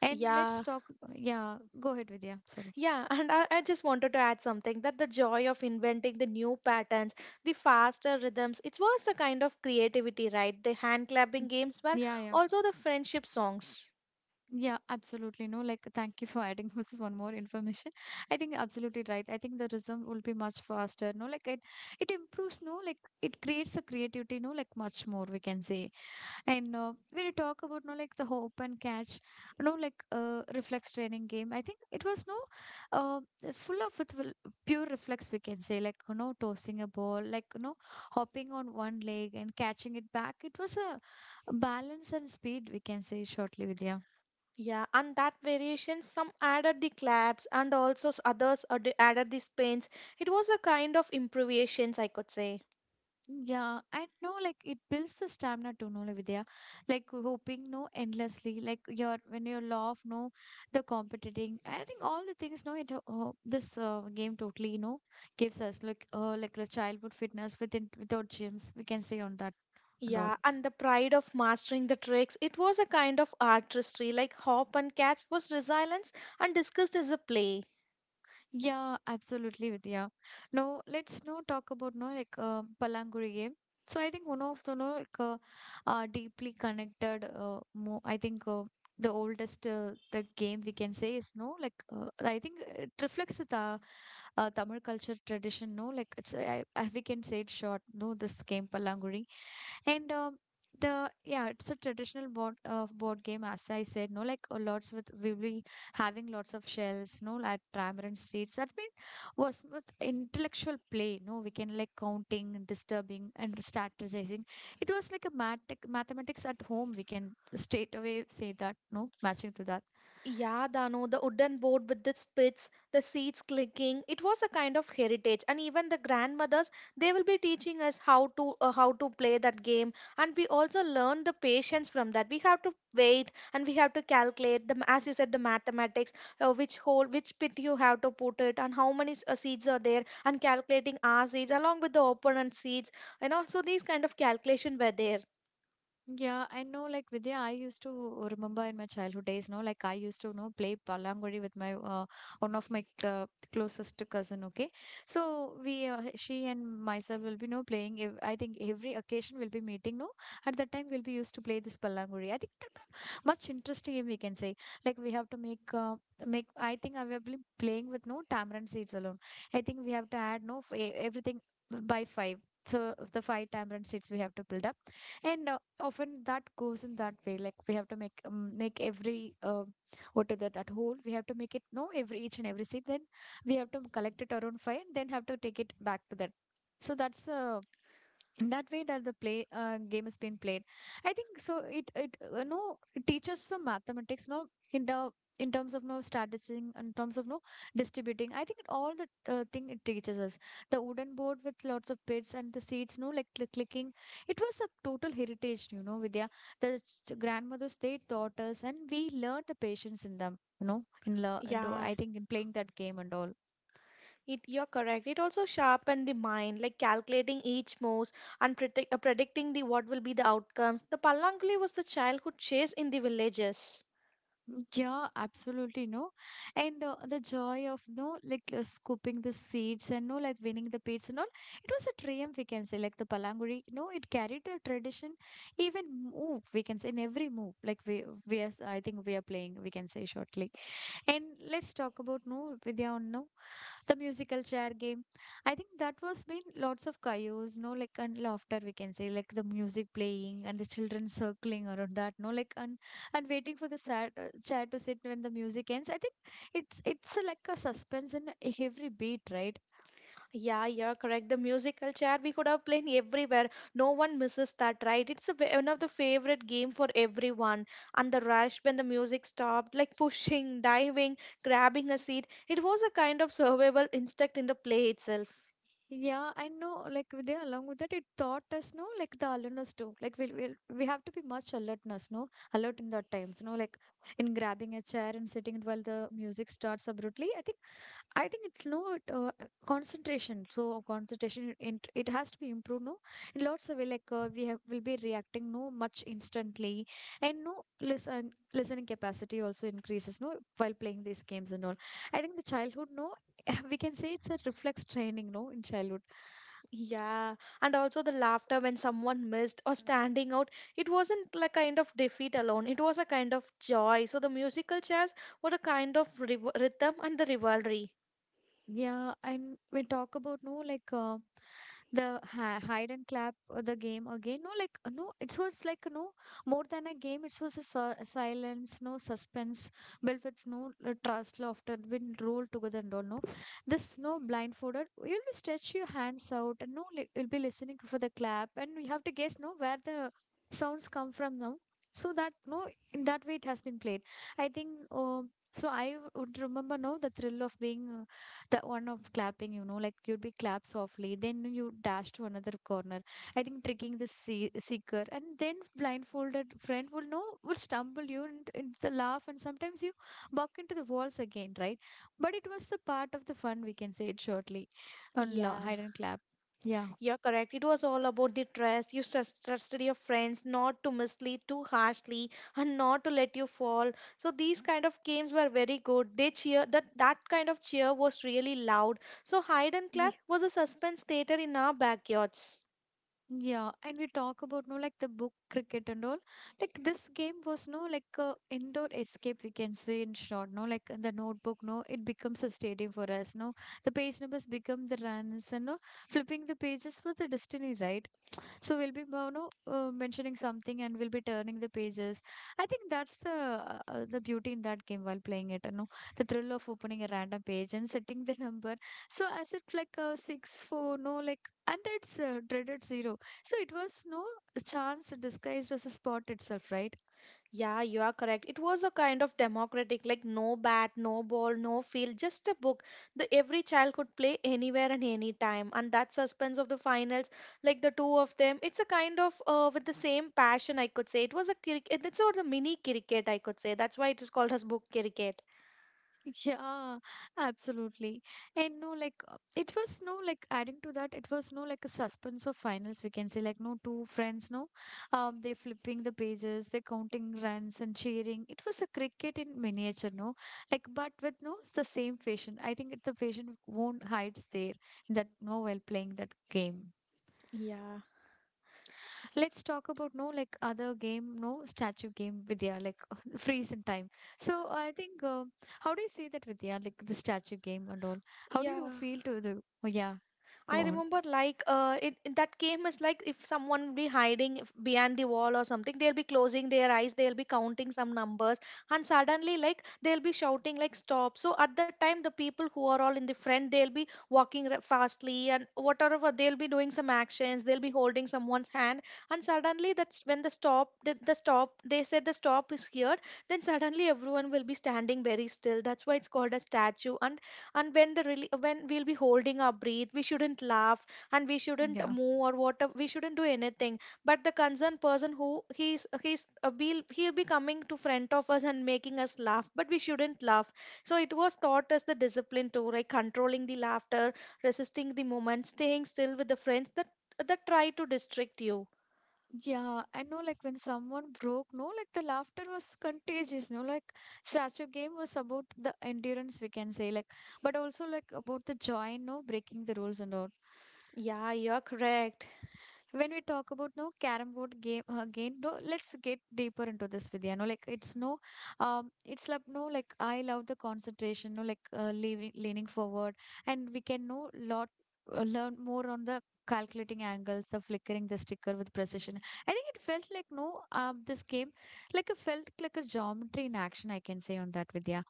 Speaker 1: And let's
Speaker 2: Yeah.
Speaker 1: talk. Yeah, go ahead, Vidya. Sorry.
Speaker 2: Yeah, and I just wanted to add something, that the joy of inventing the new patterns, the faster rhythms, it was a kind of creativity, right? The hand
Speaker 1: Mm.
Speaker 2: clapping games were
Speaker 1: Yeah, yeah.
Speaker 2: also the friendship songs.
Speaker 1: Yeah, absolutely. No, like, thank you for adding this one more information. I think you're absolutely right. I think the rhythm will be much faster. No, like it improves. No, like it creates a creativity. No, like much more we can say. And when you talk about no, like the hope and catch, no, like reflex training game. I think it was no, uh, full of pure reflex. We can say like you know tossing a ball, like you know hopping on one leg and catching it back. It was a balance and speed. We can say shortly, Vidya.
Speaker 2: Yeah, and that variation, some added the claps and also others added the spins. It was a kind of improvisations, I could say.
Speaker 1: Yeah, I know. Like it builds the stamina to know, like, Vidya. Like hoping, no, endlessly. Like your when you love, no, the competing. I think all the things, no, it this game totally, you know, gives us like the childhood fitness within without gyms. We can say on that and all.
Speaker 2: Yeah, and the pride of mastering the tricks, it was a kind of artistry, like hop and catch was resilience and discussed as a play.
Speaker 1: Yeah, absolutely, Vidya. Now, let's now talk about no like Palanguri game. So I think one of the no like deeply connected. Mo I think the oldest the game we can say is no like I think it reflects the Tamil culture tradition. No, like it's I we can say it short. No, this game Palanguri. And the yeah, it's a traditional board game, as I said. No, like lots with we will be having lots of shells, no, at Tamarind streets. That mean was with intellectual play. No, we can like counting, disturbing, and strategizing. It was like a mathematics at home. We can straight away say that. No, matching to that.
Speaker 2: Yeah, Dano, the wooden board with the spits, the seeds clicking. It was a kind of heritage, and even the grandmothers, they will be teaching us how to play that game, and we also learn the patience from that. We have to wait, and we have to calculate the, as you said, the mathematics, which hole, which pit you have to put it, and how many seeds are there, and calculating our seeds along with the opponent's seeds, you know. So these kind of calculation were there.
Speaker 1: Yeah, I know. Like Vidya, I used to remember in my childhood days. No, like I used to you know play palangori with my one of my closest cousin. Okay, so we she and myself will be no playing. I think every occasion will be meeting. No, at that time we'll be used to play this palangori. I think that was much interesting game we can say. Like we have to make. Make I think I will be playing with no tamarind seeds alone. I think we have to add no everything by five, so the five tamarind seeds we have to build up. And often that goes in that way, like we have to make make every what is that that whole we have to make it no every each and every seed, then we have to collect it around five and then have to take it back to that. So that's the that way that the play game is being played. I think so it no it teaches the mathematics no in the in terms of no statising in terms of no distributing. I think it, all the thing it teaches us the wooden board with lots of bits and the seeds. No like the clicking, it was a total heritage you know Vidya. The grandmothers they taught us and we learned the patience in them, you know in,
Speaker 2: Yeah.
Speaker 1: I think in playing that game and all.
Speaker 2: It, you're correct. It also sharpened the mind, like calculating each move and predicting the what will be the outcomes. The pallanguli was the childhood chase in the villages.
Speaker 1: Yeah, absolutely no, and the joy of no like scooping the seeds and no like winning the pits and all. It was a triumph we can say like the palanguri. No, it carried the tradition even move we can say in every move like we are I think we are playing we can say shortly. And let's talk about no Vidya on no the musical chair game. I think that was been lots of chaos no like and laughter we can say like the music playing and the children circling around that no like and waiting for the chair to sit when the music ends. I think it's like a suspense in every beat right.
Speaker 2: Yeah, you're correct. The musical chair we could have played everywhere. No one misses that, right? It's a, one of the favorite game for everyone. And the rush when the music stopped, like pushing, diving, grabbing a seat. It was a kind of survival instinct in the play itself.
Speaker 1: Yeah I know like they along with that it taught us no like the alertness too like we have to be much alertness no alert in that times no like in grabbing a chair and sitting while the music starts abruptly. I think I think it's not concentration. So concentration, it has to be improved. No, in lots of way, like we have will be reacting no much instantly, and no listening capacity also increases. No, while playing these games and all. I think the childhood no, we can say it's a reflex training. No, in childhood.
Speaker 2: Yeah, and also the laughter when someone missed or standing out, it wasn't like kind of defeat alone. It was a kind of joy. So the musical chairs were a kind of rhythm and the rivalry.
Speaker 1: Yeah, and we talk about no like the hi hide and clap the game again. No, like no, it was like no more than a game. It was a, a silence, no suspense built with no trust, laughter, been rolled together and all. No, this no blindfolded. You'll be stretch your hands out and no, like, you'll be listening for the clap, and we have to guess no where the sounds come from now. So that no, in that way it has been played. I think. So I would remember no the thrill of being. The one of clapping, you know, like you'd be clap softly then you dash to another corner. I think tricking the seeker and then blindfolded friend will know will stumble you, and the laugh, and sometimes you buck into the walls again, right? But it was the part of the fun, we can say it shortly on
Speaker 2: Yeah,
Speaker 1: hide and clap. Yeah.
Speaker 2: you're correct. It was all about the trust. You trusted your friends not to mislead too harshly and not to let you fall. So these kind of games were very good. They cheer that kind of cheer was really loud. So hide and clap was a suspense theater in our backyards.
Speaker 1: Yeah, and we talk about no like the book cricket and all. Like this game was no like a indoor escape, we can say in short. No, like the notebook. No, it becomes a stadium for us. No, the page numbers become the runs and no flipping the pages was the destiny, right? So we'll be, you know, mentioning something and we'll be turning the pages. I think that's the beauty in that game while playing it. You know, the thrill of opening a random page and setting the number. So as if like a 6-4 no like and it's dreaded zero. So it was no chance disguised as a spot itself, right?
Speaker 2: Yeah, you are correct. It was a kind of democratic, like no bat, no ball, no field, just a book. The every child could play anywhere and anytime. And that suspense of the finals, like the two of them, it's a kind of with the same passion, I could say. It was a cricket, it's sort of a mini cricket, I could say. That's why it is called as book cricket.
Speaker 1: Yeah, absolutely. And no, like it was no like adding to that, it was no like a suspense of finals. We can say like no two friends, no, they're flipping the pages, they're counting runs and cheering. It was a cricket in miniature, no, like but with no the same fashion. I think it, the fashion won't hides there in that no while playing that game.
Speaker 2: Yeah.
Speaker 1: Let's talk about no like other game, no, statue game, Vidya, like freeze in time. So I think how do you see that, Vidya, like the statue game and all? How do you
Speaker 2: Yeah.
Speaker 1: feel to the oh yeah go
Speaker 2: I
Speaker 1: on.
Speaker 2: remember like it, in that game is like if someone be hiding behind the wall or something, they'll be closing their eyes, they'll be counting some numbers, and suddenly like they'll be shouting like stop. So at that time, the people who are all in the front, they'll be walking fastly and whatever they'll be doing some actions, they'll be holding someone's hand, and suddenly that's when the stop, the stop, they said the stop is here. Then suddenly everyone will be standing very still. That's why it's called a statue. And when the really when we'll be holding our breath, we shouldn't laugh and we shouldn't
Speaker 1: Yeah.
Speaker 2: move or whatever we shouldn't do anything, but the concerned person who he's be he'll be coming to front of us and making us laugh, but we shouldn't laugh. So it was taught as the discipline too, like controlling the laughter, resisting the moment, staying still with the friends that try to distract you.
Speaker 1: Yeah, I know like when someone broke, no, like the laughter was contagious, no, like statue game was about the endurance, we can say, like but also like about the joy, no, breaking the rules and all.
Speaker 2: Yeah, you're correct.
Speaker 1: When we talk about no carom board game, again though let's get deeper into this, Vidya. No like it's no it's like no like I love the concentration no like leaning forward and we can know lot learn more on the calculating angles, the flickering the sticker with precision. I think it felt like no this game like it felt like a geometry in action, I can say on that, Vidya.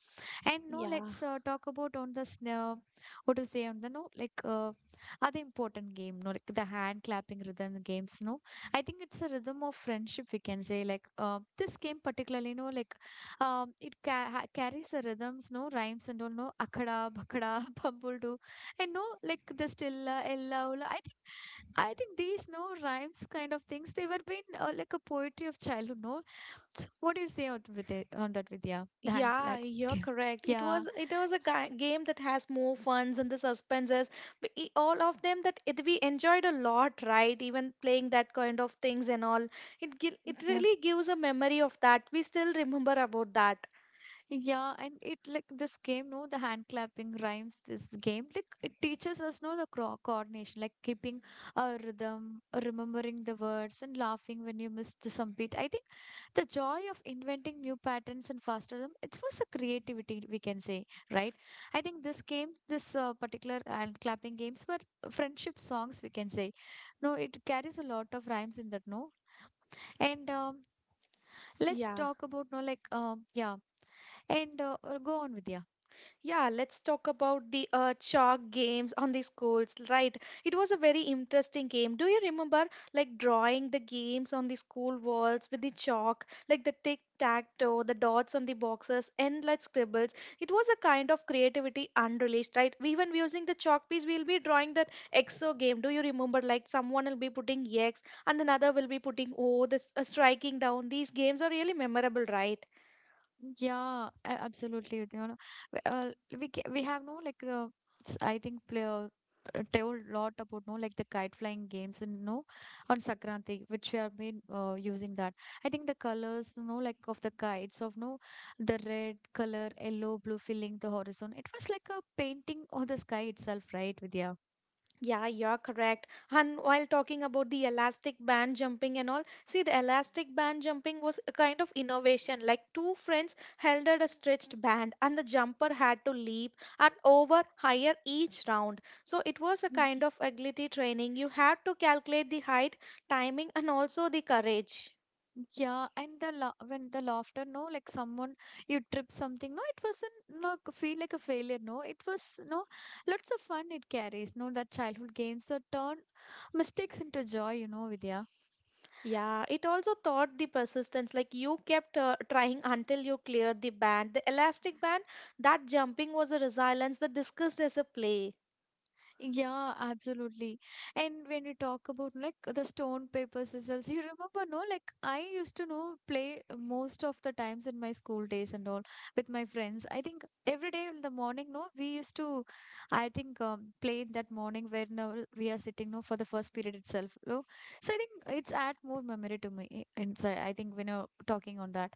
Speaker 1: And no,
Speaker 2: Yeah.
Speaker 1: let's talk about on the snow. What to say on the no like other important game no like the hand clapping rhythm games, no. I think it's a rhythm of friendship, we can say, like this game particularly no like it carries the rhythms no rhymes and all no akada bakada pumbledu and no like the stilla ella ulla. I think these no rhymes kind of things they were been like a poetry of childhood no. So what do you say on with it, on that, Vidya? The hand
Speaker 2: Yeah,
Speaker 1: like
Speaker 2: you're correct.
Speaker 1: yeah,
Speaker 2: It was a game that has more funs and the suspenses, but all of them that it we enjoyed a lot, right? Even playing that kind of things and all, it
Speaker 1: yeah.
Speaker 2: really gives a memory of that. We still remember about that.
Speaker 1: Yeah, and it like this game, no, the hand clapping rhymes. This game, like it teaches us, no, the cro coordination, like keeping a rhythm, remembering the words, and laughing when you miss the some beat. I think the joy of inventing new patterns and faster rhythm, it was a creativity, we can say, right? I think this game, this particular hand clapping games were friendship songs, we can say. No, it carries a lot of rhymes in that, no, and let's
Speaker 2: Yeah.
Speaker 1: talk about no, like yeah. And go on, Vidya.
Speaker 2: Yeah, let's talk about the chalk games on the schools, right? It was a very interesting game. Do you remember like drawing the games on the school walls with the chalk, like the tic tac toe, the dots on the boxes, endless scribbles? It was a kind of creativity unreleased, right? Even using the chalk piece, we'll be drawing that exo game. Do you remember like someone will be putting X and another will be putting O, this striking down? These games are really memorable, right?
Speaker 1: Yeah, absolutely. You know, w- uh, we have no like I think play, told lot about no like the kite flying games and no on Sakranti which we have been using that. I think the colors, you know, like of the kites of no the red color, yellow, blue filling the horizon. It was like a painting of the sky itself, right, Vidya?
Speaker 2: Yeah, you're correct. And while talking about the elastic band jumping and all, see the elastic band jumping was a kind of innovation. Like two friends held at a stretched band and the jumper had to leap and over higher each round. So it was a kind of agility training. You had to calculate the height, timing, and also the courage.
Speaker 1: Yeah, and the la when the laughter, no, like someone you trip something, no, it wasn't no feel like a failure, no, it was no lots of fun it carries, no, that childhood games that turn mistakes into joy, you know, Vidya.
Speaker 2: Yeah, it also taught the persistence. Like you kept trying until you cleared the band. The elastic band, that jumping was a resilience that discussed as a play.
Speaker 1: Yeah, absolutely. And when we talk about like the stone, paper, scissors, you remember, no? Like I used to know play most of the times in my school days and all with my friends. I think every day in the morning, no, we used to, I think, play in that morning whenever we are sitting, no, for the first period itself, no. So I think it's add more memory to me eh, inside. I think when you're talking on that,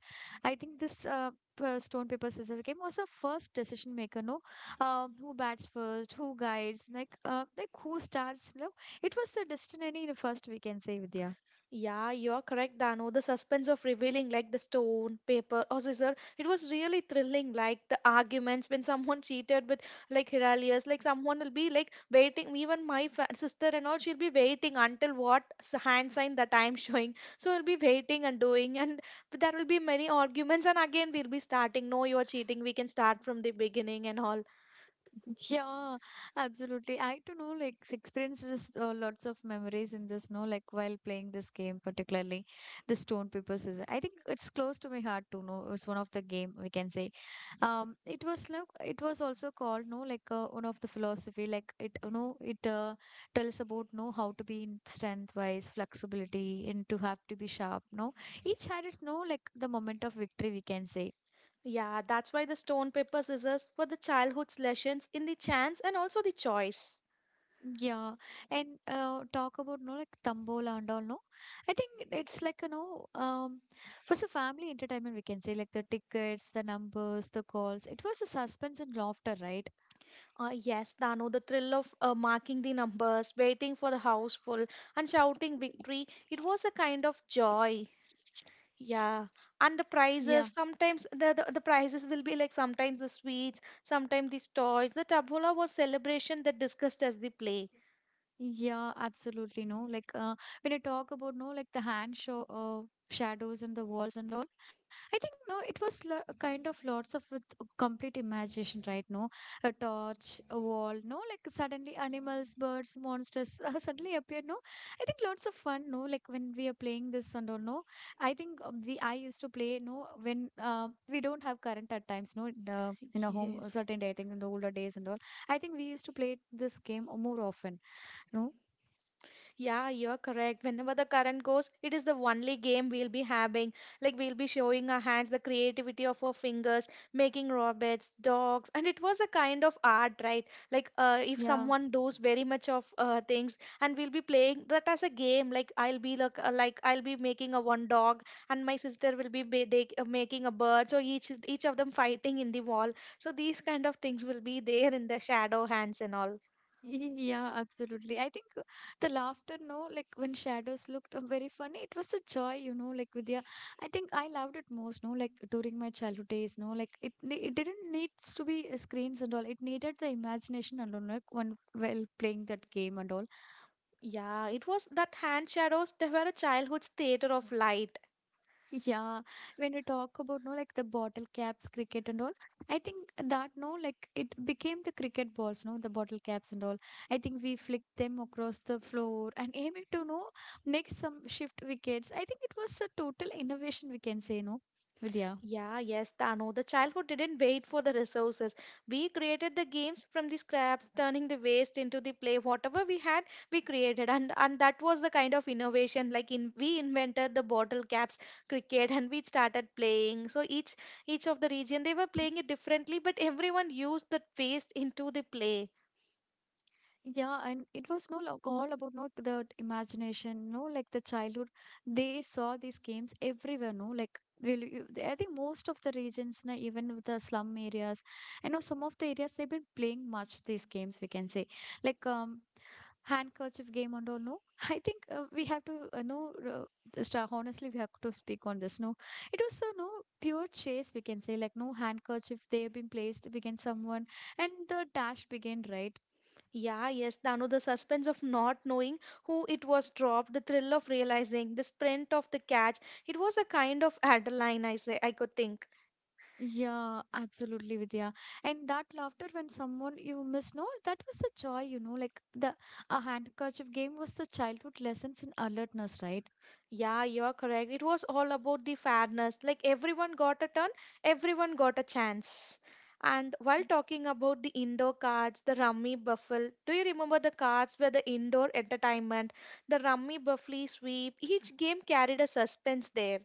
Speaker 1: I think this stone, paper, scissors game was a first decision maker, no who bats first, who guides, like who starts. No, it was a destiny in the first, we can say, Vidya.
Speaker 2: Yeah, you are correct, Dano. The suspense of revealing, like the stone, paper, or scissor, it was really thrilling. Like the arguments when someone cheated with, like Hiralius, like someone will be like waiting. Even my sister and all, she'll be waiting until what hand sign that I'm showing. So we'll be waiting and doing, and there will be many arguments. And again, we'll be starting. No, you're cheating. We can start from the beginning and all.
Speaker 1: Yeah, absolutely. I to know like experiences lots of memories in this, no, like while playing this game, particularly the stone paper scissors. I think it's close to my heart to know. It's one of the game, we can say. It was like it was also called no, like one of the philosophy. Like it, you know, it tells about no how to be in strength wise, flexibility, and to have to be sharp. No, each had its no like the moment of victory, we can say.
Speaker 2: Yeah, that's why the stone, paper, scissors were the childhood's lessons in the chance and also the choice.
Speaker 1: Yeah, and talk about no like Tambola and all no. I think it's like, you know, it was a family entertainment, we can say, like the tickets, the numbers, the calls. It was a suspense and laughter, right?
Speaker 2: Yes, Dano, the thrill of marking the numbers, waiting for the house full, and shouting victory, it was a kind of joy. Yeah. And the prizes,
Speaker 1: Yeah.
Speaker 2: sometimes the prizes will be like sometimes the sweets, sometimes the toys. The tabbola was celebration that discussed as the play.
Speaker 1: Yeah, absolutely. No, like when I talk about no, like the hand show shadows and the walls and all, I think no, it was lo kind of lots of with complete imagination, right? No, a torch, a wall, no, like suddenly animals, birds, monsters suddenly appear. No, I think lots of fun. No, like when we are playing this and all. No, I think we I used to play. No, when we don't have current at times. No, in a home a
Speaker 2: Yes.
Speaker 1: certain day. I think in the older days and all. I think we used to play this game more often. No.
Speaker 2: Yeah, you're correct. Whenever the current goes, it is the only game we'll be having. Like we'll be showing our hands, the creativity of our fingers, making robots, dogs, and it was a kind of art, right? Like if
Speaker 1: Yeah.
Speaker 2: someone does very much of things, and we'll be playing that as a game. Like I'll be making a one dog, and my sister will be making a bird. So each of them fighting in the wall. So these kind of things will be there in the shadow hands and all.
Speaker 1: Yeah, absolutely. I think the laughter, no, like when shadows looked very funny, it was a joy, you know, like Vidya. I think I loved it most, no, like during my childhood days, no, like it it didn't needs to be screens and all. It needed the imagination alone, like one while playing that game and all.
Speaker 2: Yeah, it was that hand shadows, they were a childhood's theater of light.
Speaker 1: Yeah, when you talk about no like the bottle caps cricket and all, I think that no like it became the cricket balls, no the bottle caps and all. I think we flicked them across the floor and aiming to no make some shift wickets. I think it was a total innovation, we can say, no, Vidya.
Speaker 2: Yeah, yes, Dano. The childhood didn't wait for the resources. We created the games from the scraps, turning the waste into the play. Whatever we had, we created, and that was the kind of innovation. Like in, we invented the bottle caps cricket, and we started playing. So each of the region, they were playing it differently, but everyone used that waste into the play.
Speaker 1: Yeah, and it was no like all about no the imagination, no like the childhood. They saw these games everywhere, no like will you, I think most of the regions, na, even with the slum areas, I know some of the areas they've been playing much these games. We can say like handkerchief game and all. No, I think we have to know just honestly we have to speak on this. No, it was a no pure chase. We can say like no handkerchief they have been placed. We can someone and the dash began, right?
Speaker 2: Yeah, yes, Danu, the suspense of not knowing who it was dropped, the thrill of realizing, the sprint of the catch, it was a kind of adrenaline, I say, I could think.
Speaker 1: Yeah, absolutely, Vidya. And that laughter when someone you miss, no, that was the joy, you know, like the a handkerchief game was the childhood lessons in alertness, right?
Speaker 2: Yeah, you're correct. It was all about the fairness. Like everyone got a turn, everyone got a chance. And while talking about the indoor cards, the rummy buffle, do you remember the cards were the indoor entertainment? The rummy buffly sweep, each game carried a suspense there.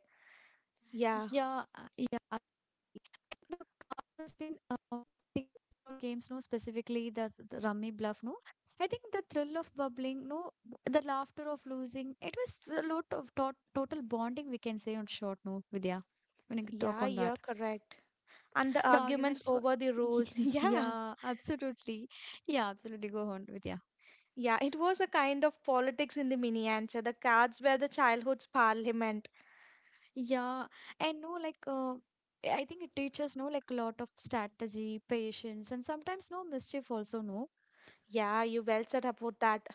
Speaker 2: Yeah,
Speaker 1: Yeah, yeah, absolutely. And the card was been, think indoor games, no, specifically the rummy bluff, no. I think the thrill of bubbling, no, the laughter of losing, it was a lot of total bonding, we can say on short, no, Vidya, when you talk
Speaker 2: yeah,
Speaker 1: on
Speaker 2: you're
Speaker 1: that.
Speaker 2: correct, and the
Speaker 1: The
Speaker 2: arguments
Speaker 1: arguments were.
Speaker 2: over the rules. Yeah.
Speaker 1: Yeah, absolutely. Yeah, absolutely. Go on with yeah.
Speaker 2: Yeah, it was a kind of politics in the miniature. The cards were the childhood's parliament.
Speaker 1: Yeah, and no, like, I think it teaches no, like, a lot of strategy, patience, and sometimes no mischief also no.
Speaker 2: Yeah, you well said about that.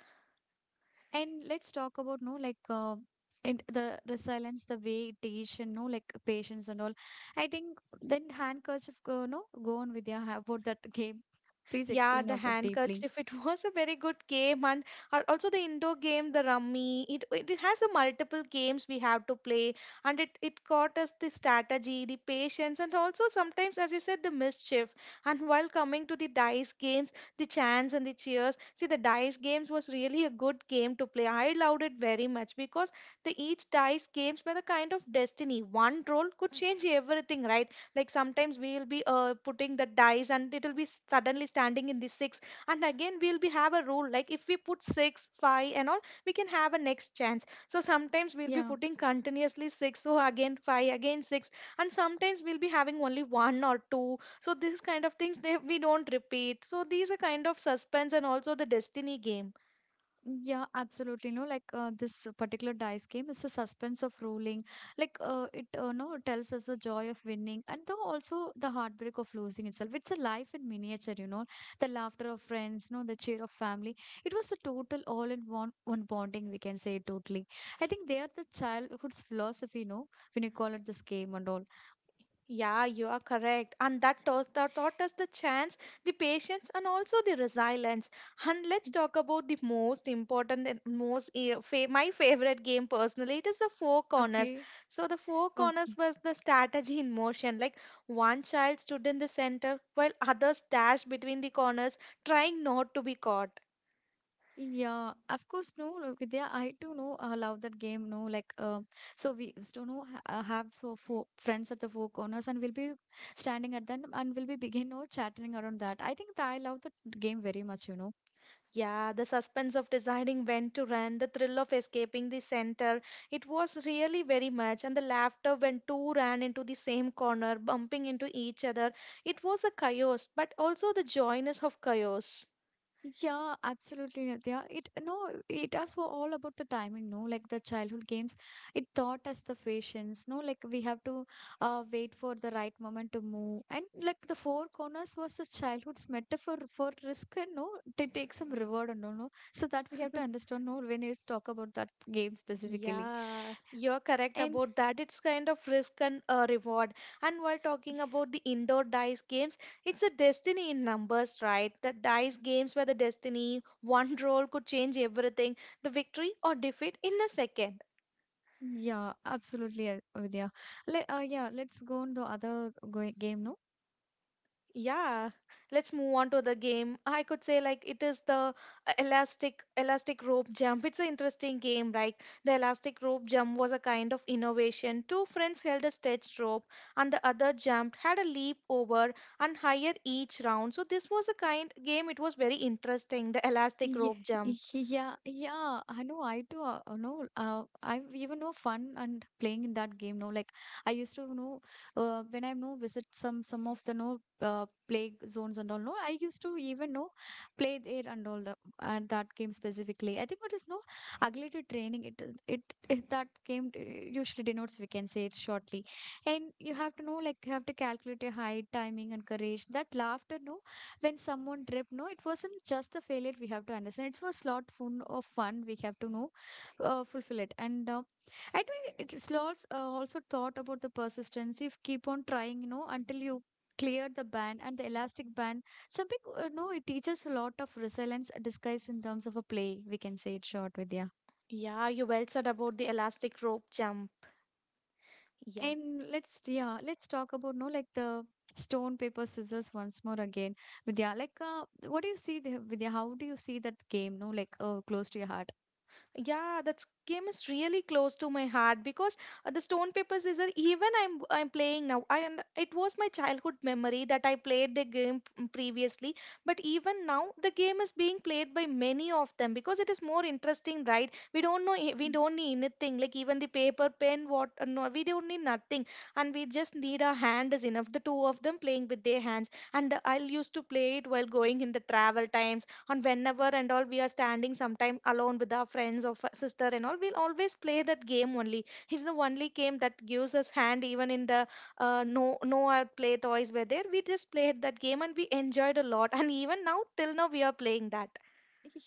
Speaker 1: And let's talk about no, like, and the resilience, the way it teach and no, like, patience and all. I think then handkerchief, no, go on with yeah about that game. Please
Speaker 2: Yeah,
Speaker 1: explain
Speaker 2: the
Speaker 1: out that deeply.
Speaker 2: handkerchief. It was a very good game, and also the indoor game, the rummy. It has a multiple games we have to play, and it taught us the strategy, the patience, and also sometimes, as you said, the mischief. And while coming to the dice games, the chance and the cheers. See, the dice games was really a good game to play. I loved it very much because the each dice games were the kind of destiny. One roll could change everything, right? Like sometimes we'll be putting the dice and it will be suddenly standing in the six. And again, we'll be have a rule like if we put six, five, and all, we can have a next chance. So sometimes we'll be
Speaker 1: Yeah.
Speaker 2: putting continuously six, so again five, again six, and sometimes we'll be having only one or two. So these kind of things they, we don't repeat. So these are kind of suspense and also the destiny game.
Speaker 1: Yeah, absolutely. No, like this particular dice game is the suspense of ruling. Like it, no, tells us the joy of winning and the also the heartbreak of losing itself. It's a life in miniature, you know, the laughter of friends, no, the cheer of family. It was a total all in one bonding. We can say totally. I think they are the childhood's philosophy, no, when you call it this game and all.
Speaker 2: Yeah, you are correct. And that taught us the chance, the patience, and also the resilience. And let's talk about the most important and most my favorite game personally. It is the Four Corners.
Speaker 1: Okay,
Speaker 2: So the Four Corners
Speaker 1: okay.
Speaker 2: was the strategy in motion. Like one child stood in the center while others dashed between the corners, trying not to be caught.
Speaker 1: Yeah, of course, no, no, Vidya, I too know love that game, no, like, so we used to know have so four friends at the four corners, and we'll be standing at them, and we'll be begin, no, chatting around that. I think that I love that game very much, you know.
Speaker 2: Yeah, the suspense of deciding when to run, the thrill of escaping the center, it was really very much, and the laughter when two ran into the same corner, bumping into each other. It was a chaos, but also the joyness of chaos.
Speaker 1: Yeah, absolutely, Nitya. It no, it us were all about the timing, no? Like the childhood games, it taught us the patience, no? Like we have to wait for the right moment to move, and like the four corners was the childhood's metaphor for risk, and no, to take some reward and all, no. So that we have to understand, no, when you talk about that game specifically,
Speaker 2: Yeah, you're correct
Speaker 1: and
Speaker 2: about that. It's kind of risk and reward. And while talking about the indoor dice games, it's a destiny in numbers, right? The dice games where the destiny, one roll could change everything, the victory or defeat in a second.
Speaker 1: yeah, absolutely, Vidya. Let yeah, let's go on the other go game, no?
Speaker 2: Yeah, let's move on to the game. I could say like it is the elastic rope jump. It's an interesting game, right? The elastic rope jump was a kind of innovation. Two friends held a stretched rope and the other jumped, had a leap over and higher each round. So this was a kind game, it was very interesting, the elastic
Speaker 1: Ye-
Speaker 2: rope jump.
Speaker 1: Yeah, yeah, I know. I too, you know, I even know fun and playing in that game. No, like I used to know, when I know visit some of the no play zones and all. No, I used to even know play there and all the and that game specifically. I think what is no ugly to training. It that game usually denotes. We can say it shortly, and you have to know like you have to calculate your height, timing, and courage. That laughter, no when someone tripped no it wasn't just the failure we have to understand it was lot fun we have to know fulfill it and I think it is lots also thought about the persistence if keep on trying you know until you clear the band and the elastic band jumping no it teaches a lot of resilience disguised in terms of a play we can say it short with yeah.
Speaker 2: Yeah, you well said about the elastic rope jump. Yeah.
Speaker 1: And let's yeah, let's talk about no like the stone paper scissors once more again. Vidya, like what do you see there, Vidya? How do you see that game? No, like close to your heart.
Speaker 2: Yeah, that game is really close to my heart because the Stone Paper Scissors, even I'm playing now. I and it was my childhood memory that I played the game previously, but even now the game is being played by many of them because it is more interesting, right? We don't know we don't need anything like even the paper, pen, what no, we don't need nothing, and we just need our hand is enough. The two of them playing with their hands, and I used to play it while going in the travel times and whenever and all we are standing sometime alone with our friends or sister and all we'll always play that game only. It's the only game that gives us hand even in the no our play toys were there, we just played that game and we enjoyed a lot, and even now till now we are playing that.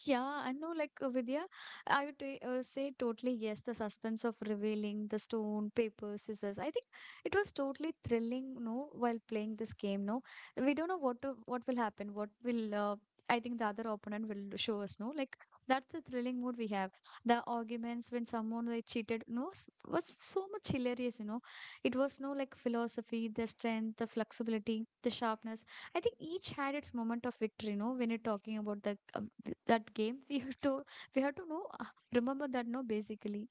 Speaker 1: Yeah, I know, like Vidya, I would say totally yes. The suspense of revealing the stone, paper, scissors. I think it was totally thrilling, no, while playing this game, no. We don't know what will happen, what will, I think the other opponent will show us, no. Like that's the thrilling mood we have. The arguments when someone like, cheated, no, was so much hilarious, you know. It was no like philosophy, the strength, the flexibility, the sharpness. I think each had its moment of victory, no, when you're talking about the that game we have to know remember that no basically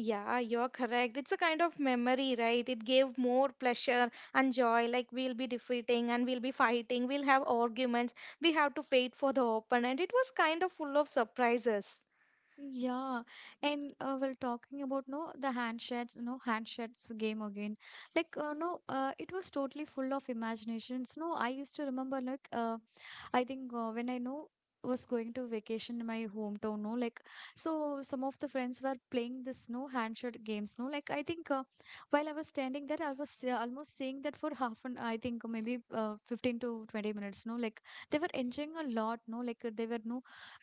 Speaker 2: Yeah, you're correct. It's a kind of memory, right? It gave more pleasure and joy, like we'll be defeating and we'll be fighting, we'll have arguments. We have to wait for the open, and it was kind of full of surprises.
Speaker 1: yeah. And well talking about no the handshakes game again like no it was totally full of imaginations no I used to remember like I think when I know was going to vacation in my hometown no like so some of the friends were playing this no handshot games no like I think while I was standing there I was almost seeing that for half an I think maybe 15 to 20 minutes no like they were enjoying a lot no like they were no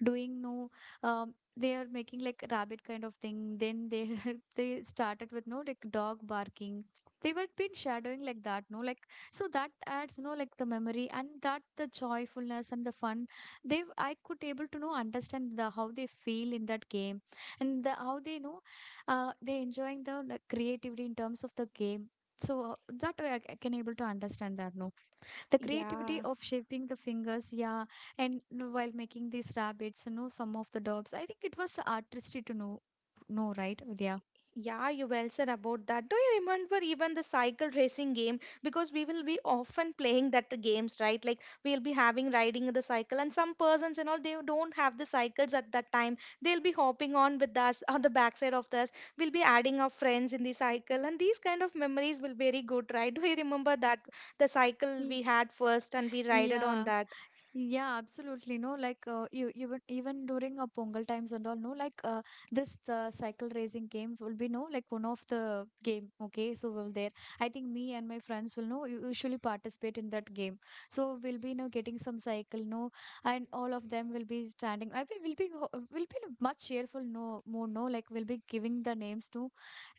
Speaker 1: doing no they are making like rabbit kind of thing then they they started with no like dog barking they were been shadowing like that no like so that adds you know like the memory and that the joyfulness and the fun they I could able to know understand the how they feel in that game and the, how they know they enjoying the like, creativity in terms of the game so that way I can able to understand that no the creativity
Speaker 2: Yeah.
Speaker 1: of shaping the fingers yeah. And you know, while making these rabbits you know some of the dogs I think it was artistry to know right Vidya.
Speaker 2: Yeah, you well said about that. Do you remember even the cycle racing game? Because we will be often playing that games, right? Like we'll be having riding the cycle, and some persons and all they don't have the cycles at that time. They'll be hopping on with us on the backside of us. We'll be adding our friends in the cycle, and these kind of memories will be very good, right? Do you remember that the cycle
Speaker 1: Ye-
Speaker 2: we had first and we rided on
Speaker 1: yeah.
Speaker 2: that?
Speaker 1: Yeah, absolutely. No, like you even during Pongal times and all, no, like this cycle racing game will be no like one of the game. Okay, so we'll there. I think me and my friends will no usually participate in that game. So we'll be no getting some cycle, no, and all of them will be standing. I mean, we'll be we'll be in a much cheerful no more no like we'll be giving the names to,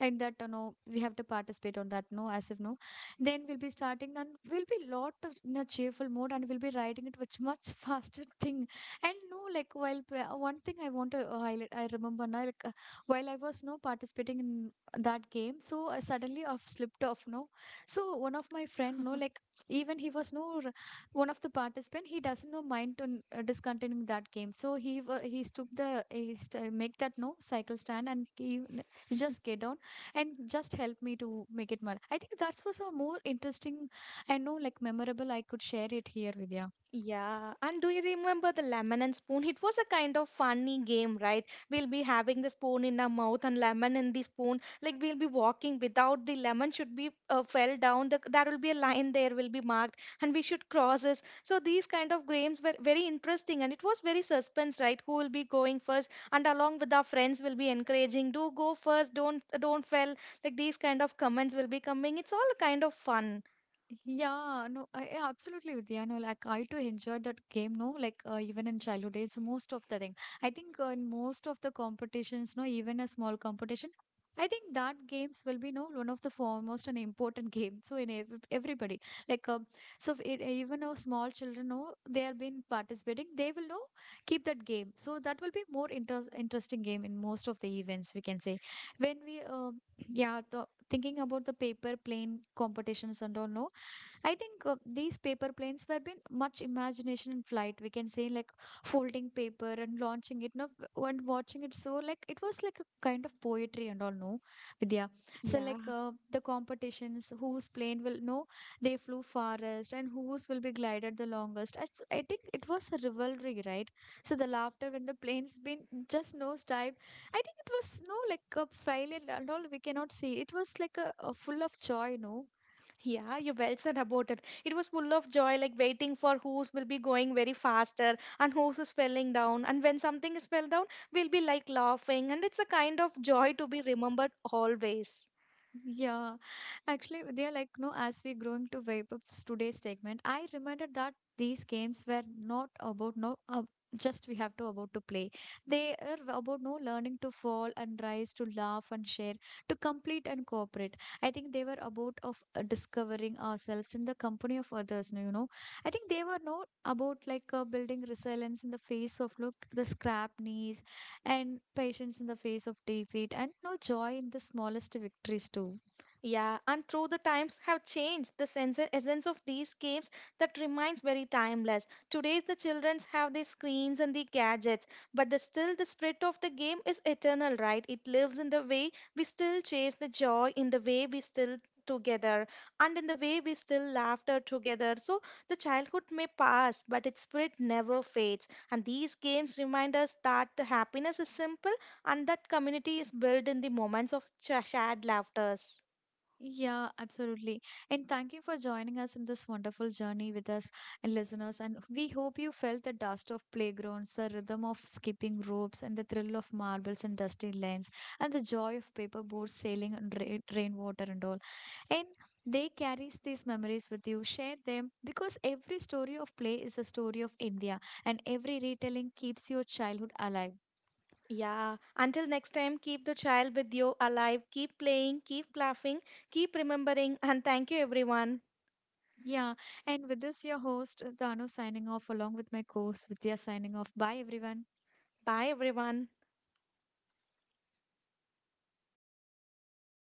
Speaker 1: and that you know we have to participate on that no as if no. Then we'll be starting and we'll be lot of in a cheerful mode and we'll be riding it with much faster thing. And no, like while one thing I want to highlight, I remember now, like while I was no participating in that game, so I suddenly off slipped off. No, so one of my friend, no, like even he was no r- one of the participant. He doesn't know mind to discontinuing that game. So he took the make that no cycle stand and just get down and just help me to make it more. I think that was a more interesting and no like memorable I could share it here, Vidya.
Speaker 2: Yeah, and do you remember the lemon and spoon? It was a kind of funny game, right? We'll be having the spoon in our mouth and lemon in the spoon. Like we'll be walking without the lemon should be fell down. There will be a line, there will be marked, and we should cross this. So these kind of games were very interesting, and it was very suspense, right? Who will be going first? And along with our friends, will be encouraging, do go first, don't fell. Like these kind of comments will be coming. It's all a kind of fun.
Speaker 1: Yeah, no, I absolutely with you. I know, like I too enjoyed that game, no, like even in childhood days, most of the thing. I think in most of the competitions, no, even a small competition, I think that games will be no one of the foremost and important game. So in ev everybody, like so it, even though small children know they are been participating, they will know keep that game. So that will be more interesting game in most of the events we can say. When we yeah, the, thinking about the paper plane competitions and all, no I think these paper planes were been much imagination in flight. We can say like folding paper and launching it, no, and watching it. So like it was like a kind of poetry and all, no, Vidya. So like
Speaker 2: Yeah.
Speaker 1: the competitions, whose plane will know they flew farthest and whose will be glided the longest. I think it was a rivalry, right? So the laughter when the planes been just nose dived. I think it was no like a failure and all. We cannot see. It was like a full of joy, no.
Speaker 2: Yeah, you well said about it. It was full of joy, like waiting for whose will be going very faster and whose is falling down. And when something is fell down, we'll be like laughing. And it's a kind of joy to be remembered always.
Speaker 1: Yeah, actually, they are like, no, as we growing to wrap up today's segment, I reminded that these games were not about no, just we have to about to play. They are about no learning to fall and rise, to laugh and share, to complete and cooperate. I think they were about of discovering ourselves in the company of others. No, You know, I think they were not about like building resilience in the face of look the scrap knees and patience in the face of defeat and no joy in the smallest victories too.
Speaker 2: Yeah, and through the times have changed the sense essence of these games that remains very timeless. Today the childrens have the screens and the gadgets, but the still the spirit of the game is eternal, right? It lives in the way we still chase the joy, in the way we still together, and in the way we still laughter together. So the childhood may pass but its spirit never fades, and these games remind us that the happiness is simple and that community is built in the moments of shared laughters.
Speaker 1: Yeah, absolutely. And thank you for joining us in this wonderful journey with us and listeners. And we hope you felt the dust of playgrounds, the rhythm of skipping ropes, and the thrill of marbles and dusty lanes, and the joy of paper boats sailing on rainwater and all. And they carries these memories with you. Share them because every story of play is a story of India, and every retelling keeps your childhood alive.
Speaker 2: Yeah, until next time, keep the child with you alive. Keep playing, keep laughing, keep remembering. And thank you, everyone.
Speaker 1: Yeah, and with this, your host Danu signing off along with my co-host Vidya signing off. Bye, everyone.
Speaker 2: Bye, everyone.